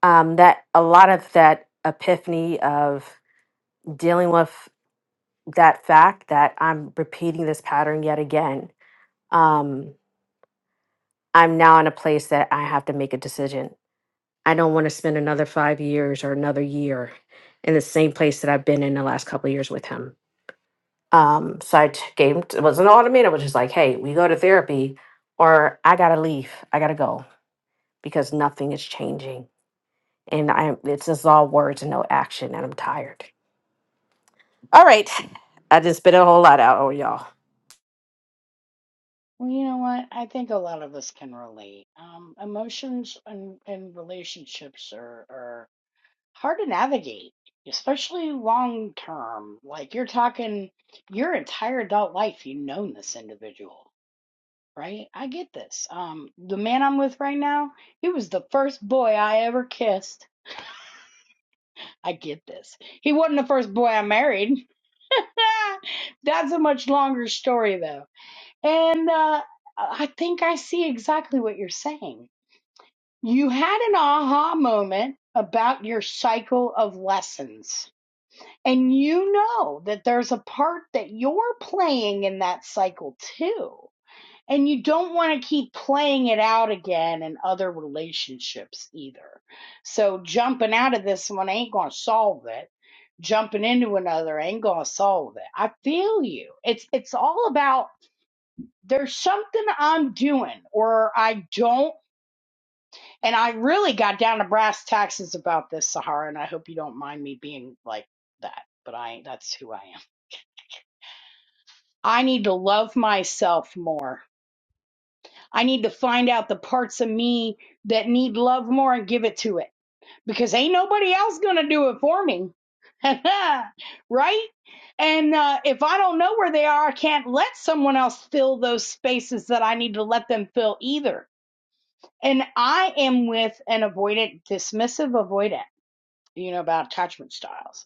um, that a lot of that epiphany of dealing with that fact that I'm repeating this pattern yet again, um, I'm now in a place that I have to make a decision. I don't want to spend another five years or another year in the same place that I've been in the last couple of years with him. Um, so I t- gave him, it was an ultimatum, it was just like, hey, we go to therapy or I got to leave. I got to go because nothing is changing. And I'm it's just all words and no action and I'm tired. All right. I just spit a whole lot out on y'all.
well you know what i think a lot of us can relate um emotions and, and relationships are, are hard to navigate, especially long term. Like you're talking your entire adult life, you've known this individual, right? I get this. Um, the man I'm with right now, he was the first boy I ever kissed. I get this. He wasn't the first boy I married. That's a much longer story though. And uh I think I see exactly what you're saying. You had an aha moment about your cycle of lessons And you know that there's a part that you're playing in that cycle too. And you don't want to keep playing it out again in other relationships either. So jumping out of this one ain't going to solve it. Jumping into another ain't going to solve it. I feel you. It's it's all about there's something I'm doing or I don't and I really got down to brass taxes about this Sahara and I hope you don't mind me being like that, but I that's who I am. I need to love myself more. I need to find out the parts of me that need love more and give it to it because ain't nobody else going to do it for me. right? And uh, if I don't know where they are, I can't let someone else fill those spaces that I need to let them fill either. And I am with an avoidant, dismissive avoidant, you know, about attachment styles.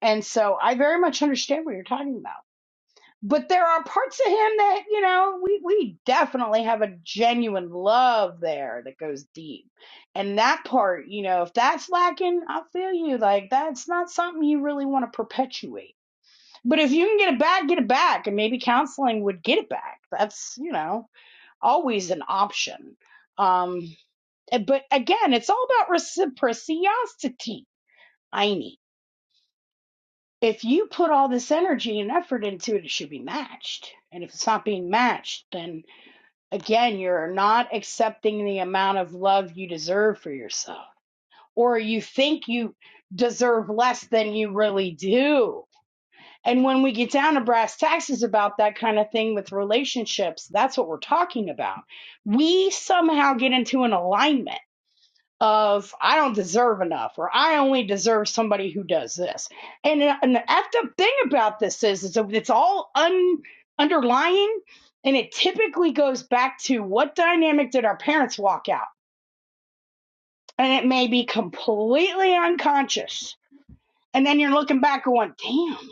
And so I very much understand what you're talking about. but there are parts of him that you know we we definitely have a genuine love there that goes deep and that part you know if that's lacking i feel you like that's not something you really want to perpetuate but if you can get it back get it back and maybe counseling would get it back that's you know always an option um eh, but again it's all about reciprocity i need if you put all this energy and effort into it, it should be matched. And if it's not being matched, then Again, you're not accepting the amount of love you deserve for yourself, or you think you deserve less than you really do. And when we get down to brass taxes about that kind of thing with relationships, that's what we're talking about. We somehow get into an alignment of I don't deserve enough or I only deserve somebody who does this. And, uh, and the effed up thing about this is, is it's all un, underlying and it typically goes back to what dynamic did our parents walk out? And it may be completely unconscious. And then you're looking back going, damn,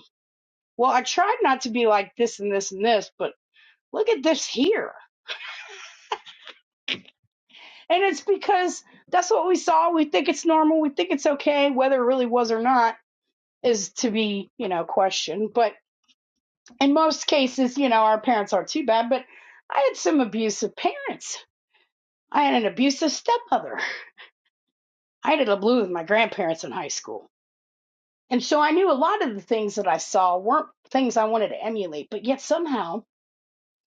well, I tried not to be like this and this and this, but look at this here. And it's because that's what we saw. We think it's normal. We think it's okay, whether it really was or not is to be, you know, questioned. But in most cases, you know, our parents aren't too bad. But I had some abusive parents. I had an abusive stepmother. I did a blue with my grandparents in high school. And so I knew a lot of the things that I saw weren't things I wanted to emulate. But yet somehow,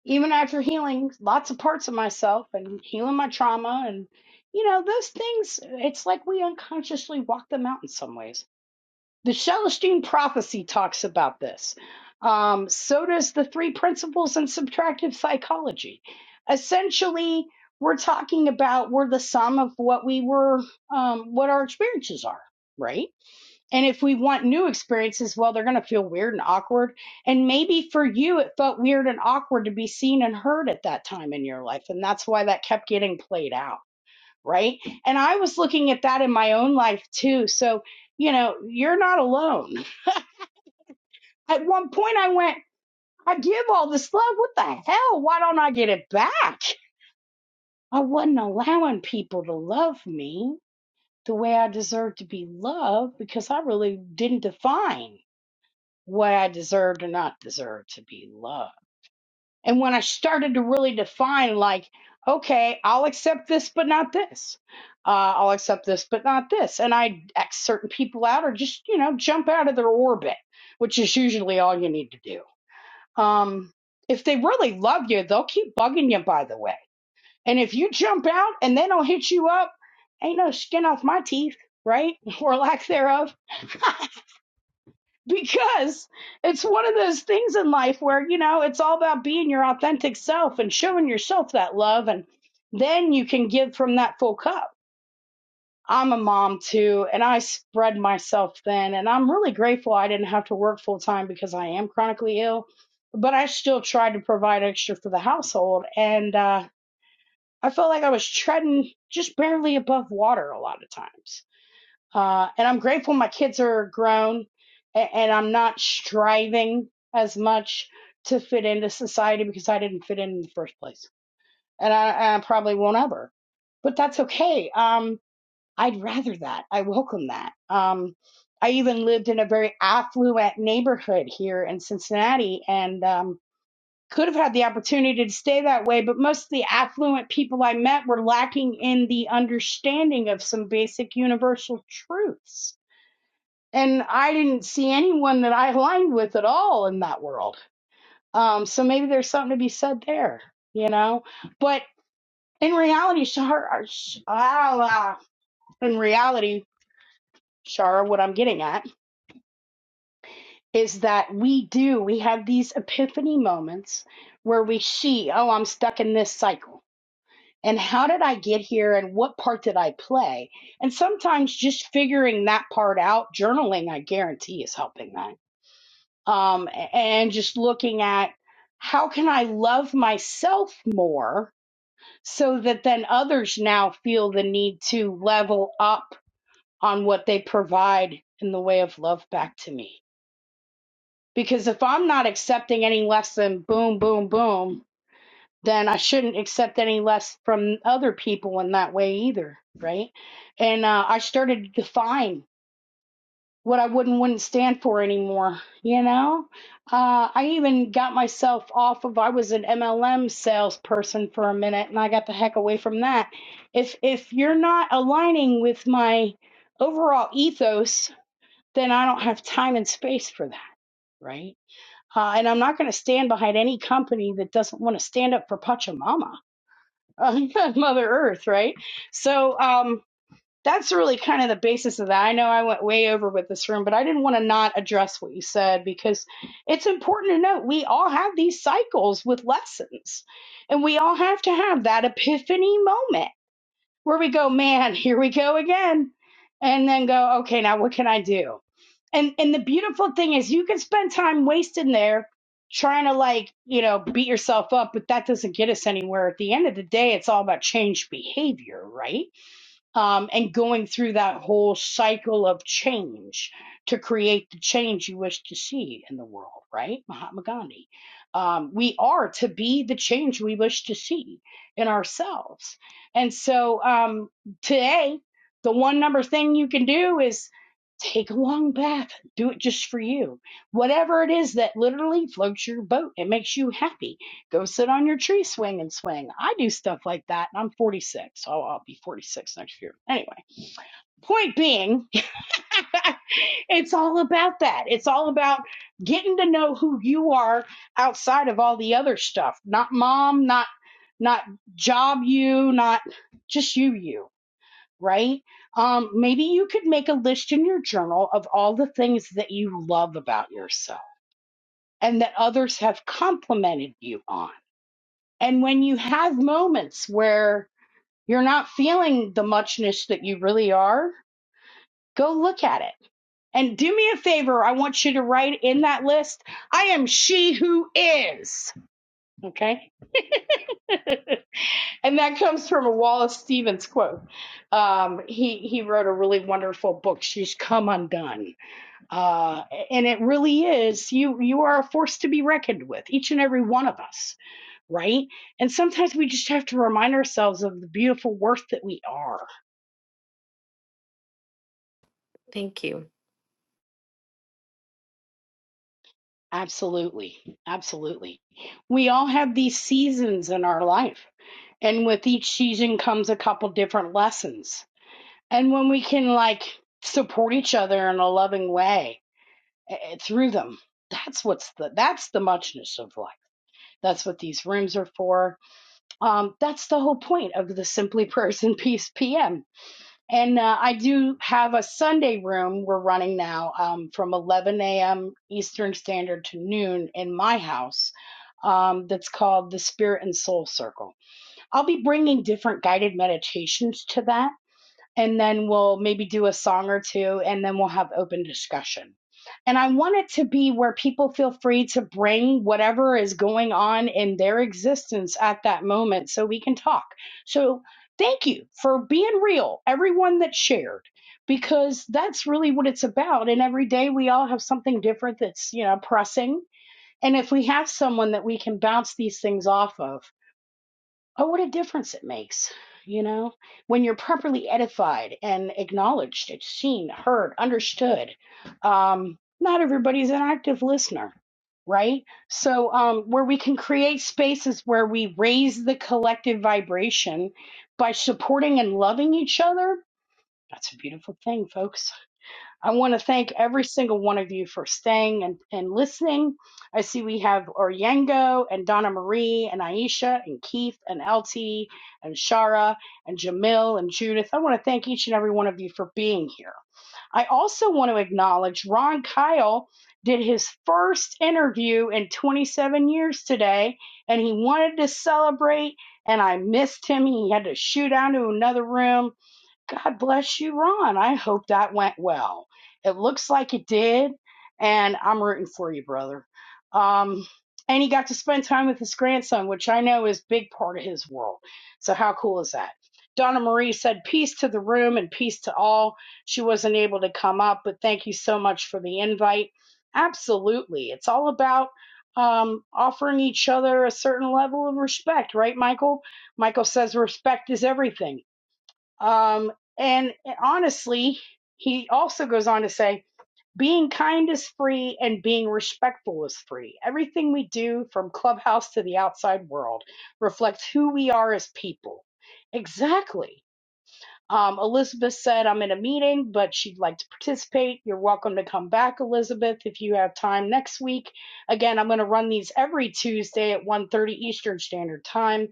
even after healing lots of parts of myself and healing my trauma and you know, those things, it's like we unconsciously walk them out in some ways The Celestine prophecy talks about this. Um, so does the three principles in subtractive psychology. Essentially, we're talking about we're the sum of what we were, um, what our experiences are, right? And if we want new experiences, well, they're going to feel weird and awkward. And maybe for you, it felt weird and awkward to be seen and heard at that time in your life. And that's why that kept getting played out, right? And I was looking at that in my own life too. So, you know, you're not alone at one point, I went, I give all this love. What the hell? Why don't I get it back? I wasn't allowing people to love me the way I deserved to be loved because I really didn't define what I deserved or not deserved to be loved. And when I started to really define, like, okay, I'll accept this, but not this. Uh, I'll accept this, but not this. And I X certain people out or just, you know, jump out of their orbit, which is usually all you need to do Um, if they really love you, they'll keep bugging you, by the way. And if you jump out and they don't hit you up, ain't no skin off my teeth, right? Or lack thereof. Because it's one of those things in life where, you know, it's all about being your authentic self and showing yourself that love. And then you can give from that full cup. I'm a mom too, and I spread myself thin. And I'm really grateful I didn't have to work full time because I am chronically ill, but I still tried to provide extra for the household. And uh, I felt like I was treading just barely above water a lot of times. Uh, and I'm grateful my kids are grown and, and I'm not striving as much to fit into society because I didn't fit in in the first place. And I, I probably won't ever, but that's okay. Um, I'd rather that. I welcome that. Um, I even lived in a very affluent neighborhood here in Cincinnati and um, could have had the opportunity to stay that way, but most of the affluent people I met were lacking in the understanding of some basic universal truths. And I didn't see anyone that I aligned with at all in that world. Um, so maybe there's something to be said there, you know? But in reality, Shar, ah, in reality, Shara, what I'm getting at is that we do, we have these epiphany moments where we see, oh, I'm stuck in this cycle. And how did I get here and what part did I play? And sometimes just figuring that part out, journaling, I guarantee is helping that. Um, and just looking at how can I love myself more so that then others now feel the need to level up on what they provide in the way of love back to me Because if I'm not accepting any less than boom, boom, boom, then I shouldn't accept any less from other people in that way either, right? And uh, I started to define what I would and wouldn't stand for anymore, you know? Uh, I even got myself off of, I was an MLM salesperson for a minute and I got the heck away from that. If, if you're not aligning with my overall ethos, then I don't have time and space for that, right? Uh, and I'm not going to stand behind any company that doesn't want to stand up for Pachamama, Mother Earth, right? So um, that's really kind of the basis of that. I know I went way over with this room, but I didn't want to not address what you said because it's important to note we all have these cycles with lessons and we all have to have that epiphany moment where we go, man, here we go again. And then go, okay, now what can I do? And and the beautiful thing is you can spend time wasting there trying to like, you know, beat yourself up, but that doesn't get us anywhere. At the end of the day, it's all about change behavior, right? um, and going through that whole cycle of change to create the change you wish to see in the world, right? Mahatma Gandhi. Um, we are to be the change we wish to see in ourselves. And so um, today, the one number thing you can do is take a long bath, do it just for you. Whatever it is that literally floats your boat and makes you happy Go sit on your tree swing and swing. I do stuff like that, and I'm 46. so I'll be 46 next year. Anyway, point being, it's all about that. It's all about getting to know who you are outside of all the other stuff. Not mom, not not job you, not just you you, right? Um maybe you could make a list in your journal of all the things that you love about yourself and that others have complimented you on and when you have moments where you're not feeling the muchness that you really are, go look at it. And do me a favor, I want you to write in that list, I am she who is. Okay? and that comes from a Wallace Stevens quote. Um, he he wrote a really wonderful book. She's come undone, uh, and it really is. You you are a force to be reckoned with, each and every one of us. right? And sometimes we just have to remind ourselves of the beautiful worth that we are.
Thank you.
Absolutely. Absolutely. We all have these seasons in our life, and with each season comes a couple different lessons. And when we can like support each other in a loving way eh, through them, that's what's the that's the muchness of life. That's what these rooms are for. Um, that's the whole point of the Simply Prayers and Peace PM And uh, I do have a Sunday room we're running now um, from 11 a.m. Eastern Standard to noon in my house um, that's called the Spirit and Soul Circle. I'll be bringing different guided meditations to that and then we'll maybe do a song or two and then we'll have open discussion. And I want it to be where people feel free to bring whatever is going on in their existence at that moment so we can talk. So thank you for being real, everyone that shared, because that's really what it's about. And every day we all have something different that's, you know, pressing. And if we have someone that we can bounce these things off of, oh, what a difference it makes, you know, when you're properly edified and acknowledged, it's seen, heard, understood. Um, not everybody's an active listener, right? So, um, where we can create spaces where we raise the collective vibration by supporting and loving each other, that's a beautiful thing, folks I want to thank every single one of you for staying and, and listening. I see we have Oryengo and Donna Marie and Aisha and Keith and LT and Shara and Jamil and Judith. I want to thank each and every one of you for being here. I also want to acknowledge Ron Kyle did his first interview in 27 years today, and he wanted to celebrate, and I missed him. He had to shoot out to another room God bless you, Ron. I hope that went well. It looks like it did, and I'm rooting for you, brother. Um, and he got to spend time with his grandson, which I know is a big part of his world. So how cool is that? Donna Marie said, "Peace to the room and peace to all." She wasn't able to come up, but thank you so much for the invite. Absolutely, it's all about um, offering each other a certain level of respect, right, Michael? Michael says respect is everything um, and, and honestly, he also goes on to say, being kind is free and being respectful is free. Everything we do from clubhouse to the outside world reflects who we are as people. Exactly. Um, Elizabeth said, I'm in a meeting, but she'd like to participate. You're welcome to come back, Elizabeth, if you have time next week. Again, I'm going to run these every Tuesday at one thirty Eastern Standard Time.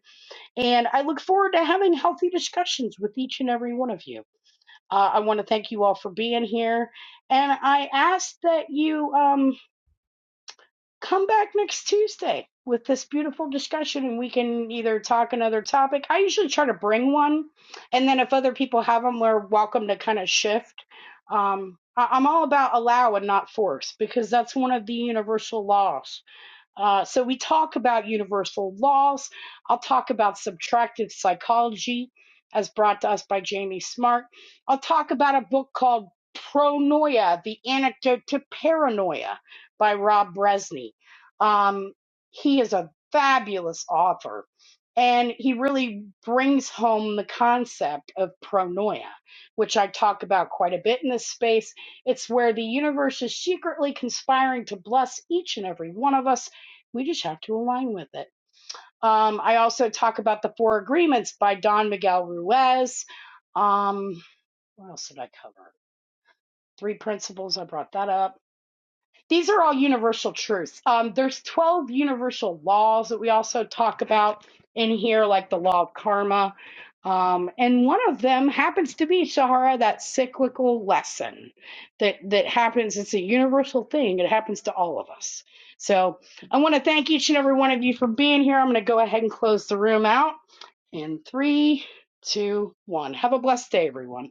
And I look forward to having healthy discussions with each and every one of you. Uh, I want to thank you all for being here. And I ask that you um, come back next Tuesday with this beautiful discussion and we can either talk another topic. I usually try to bring one. And then if other people have them, we're welcome to kind of shift. Um, I- I'm all about allow and not force because that's one of the universal laws uh, so we talk about universal laws. I'll talk about subtractive psychology, as brought to us by Jamie Smart. I'll talk about a book called Pronoia: The Antidote to Paranoia by Rob Bresney. Um, he is a fabulous author, and he really brings home the concept of pronoia, which I talk about quite a bit in this space. It's where the universe is secretly conspiring to bless each and every one of us we just have to align with it. Um, I also talk about the Four Agreements by Don Miguel Ruiz. Um, what else did I cover? Three principles. I brought that up these are all universal truths. Um, there's 12 universal laws that we also talk about in here, like the law of karma. Um, and one of them happens to be Shahara, that cyclical lesson that that happens. It's a universal thing. It happens to all of us. So I want to thank each and every one of you for being here. I'm going to go ahead and close the room out in three, two, one. Have a blessed day, everyone.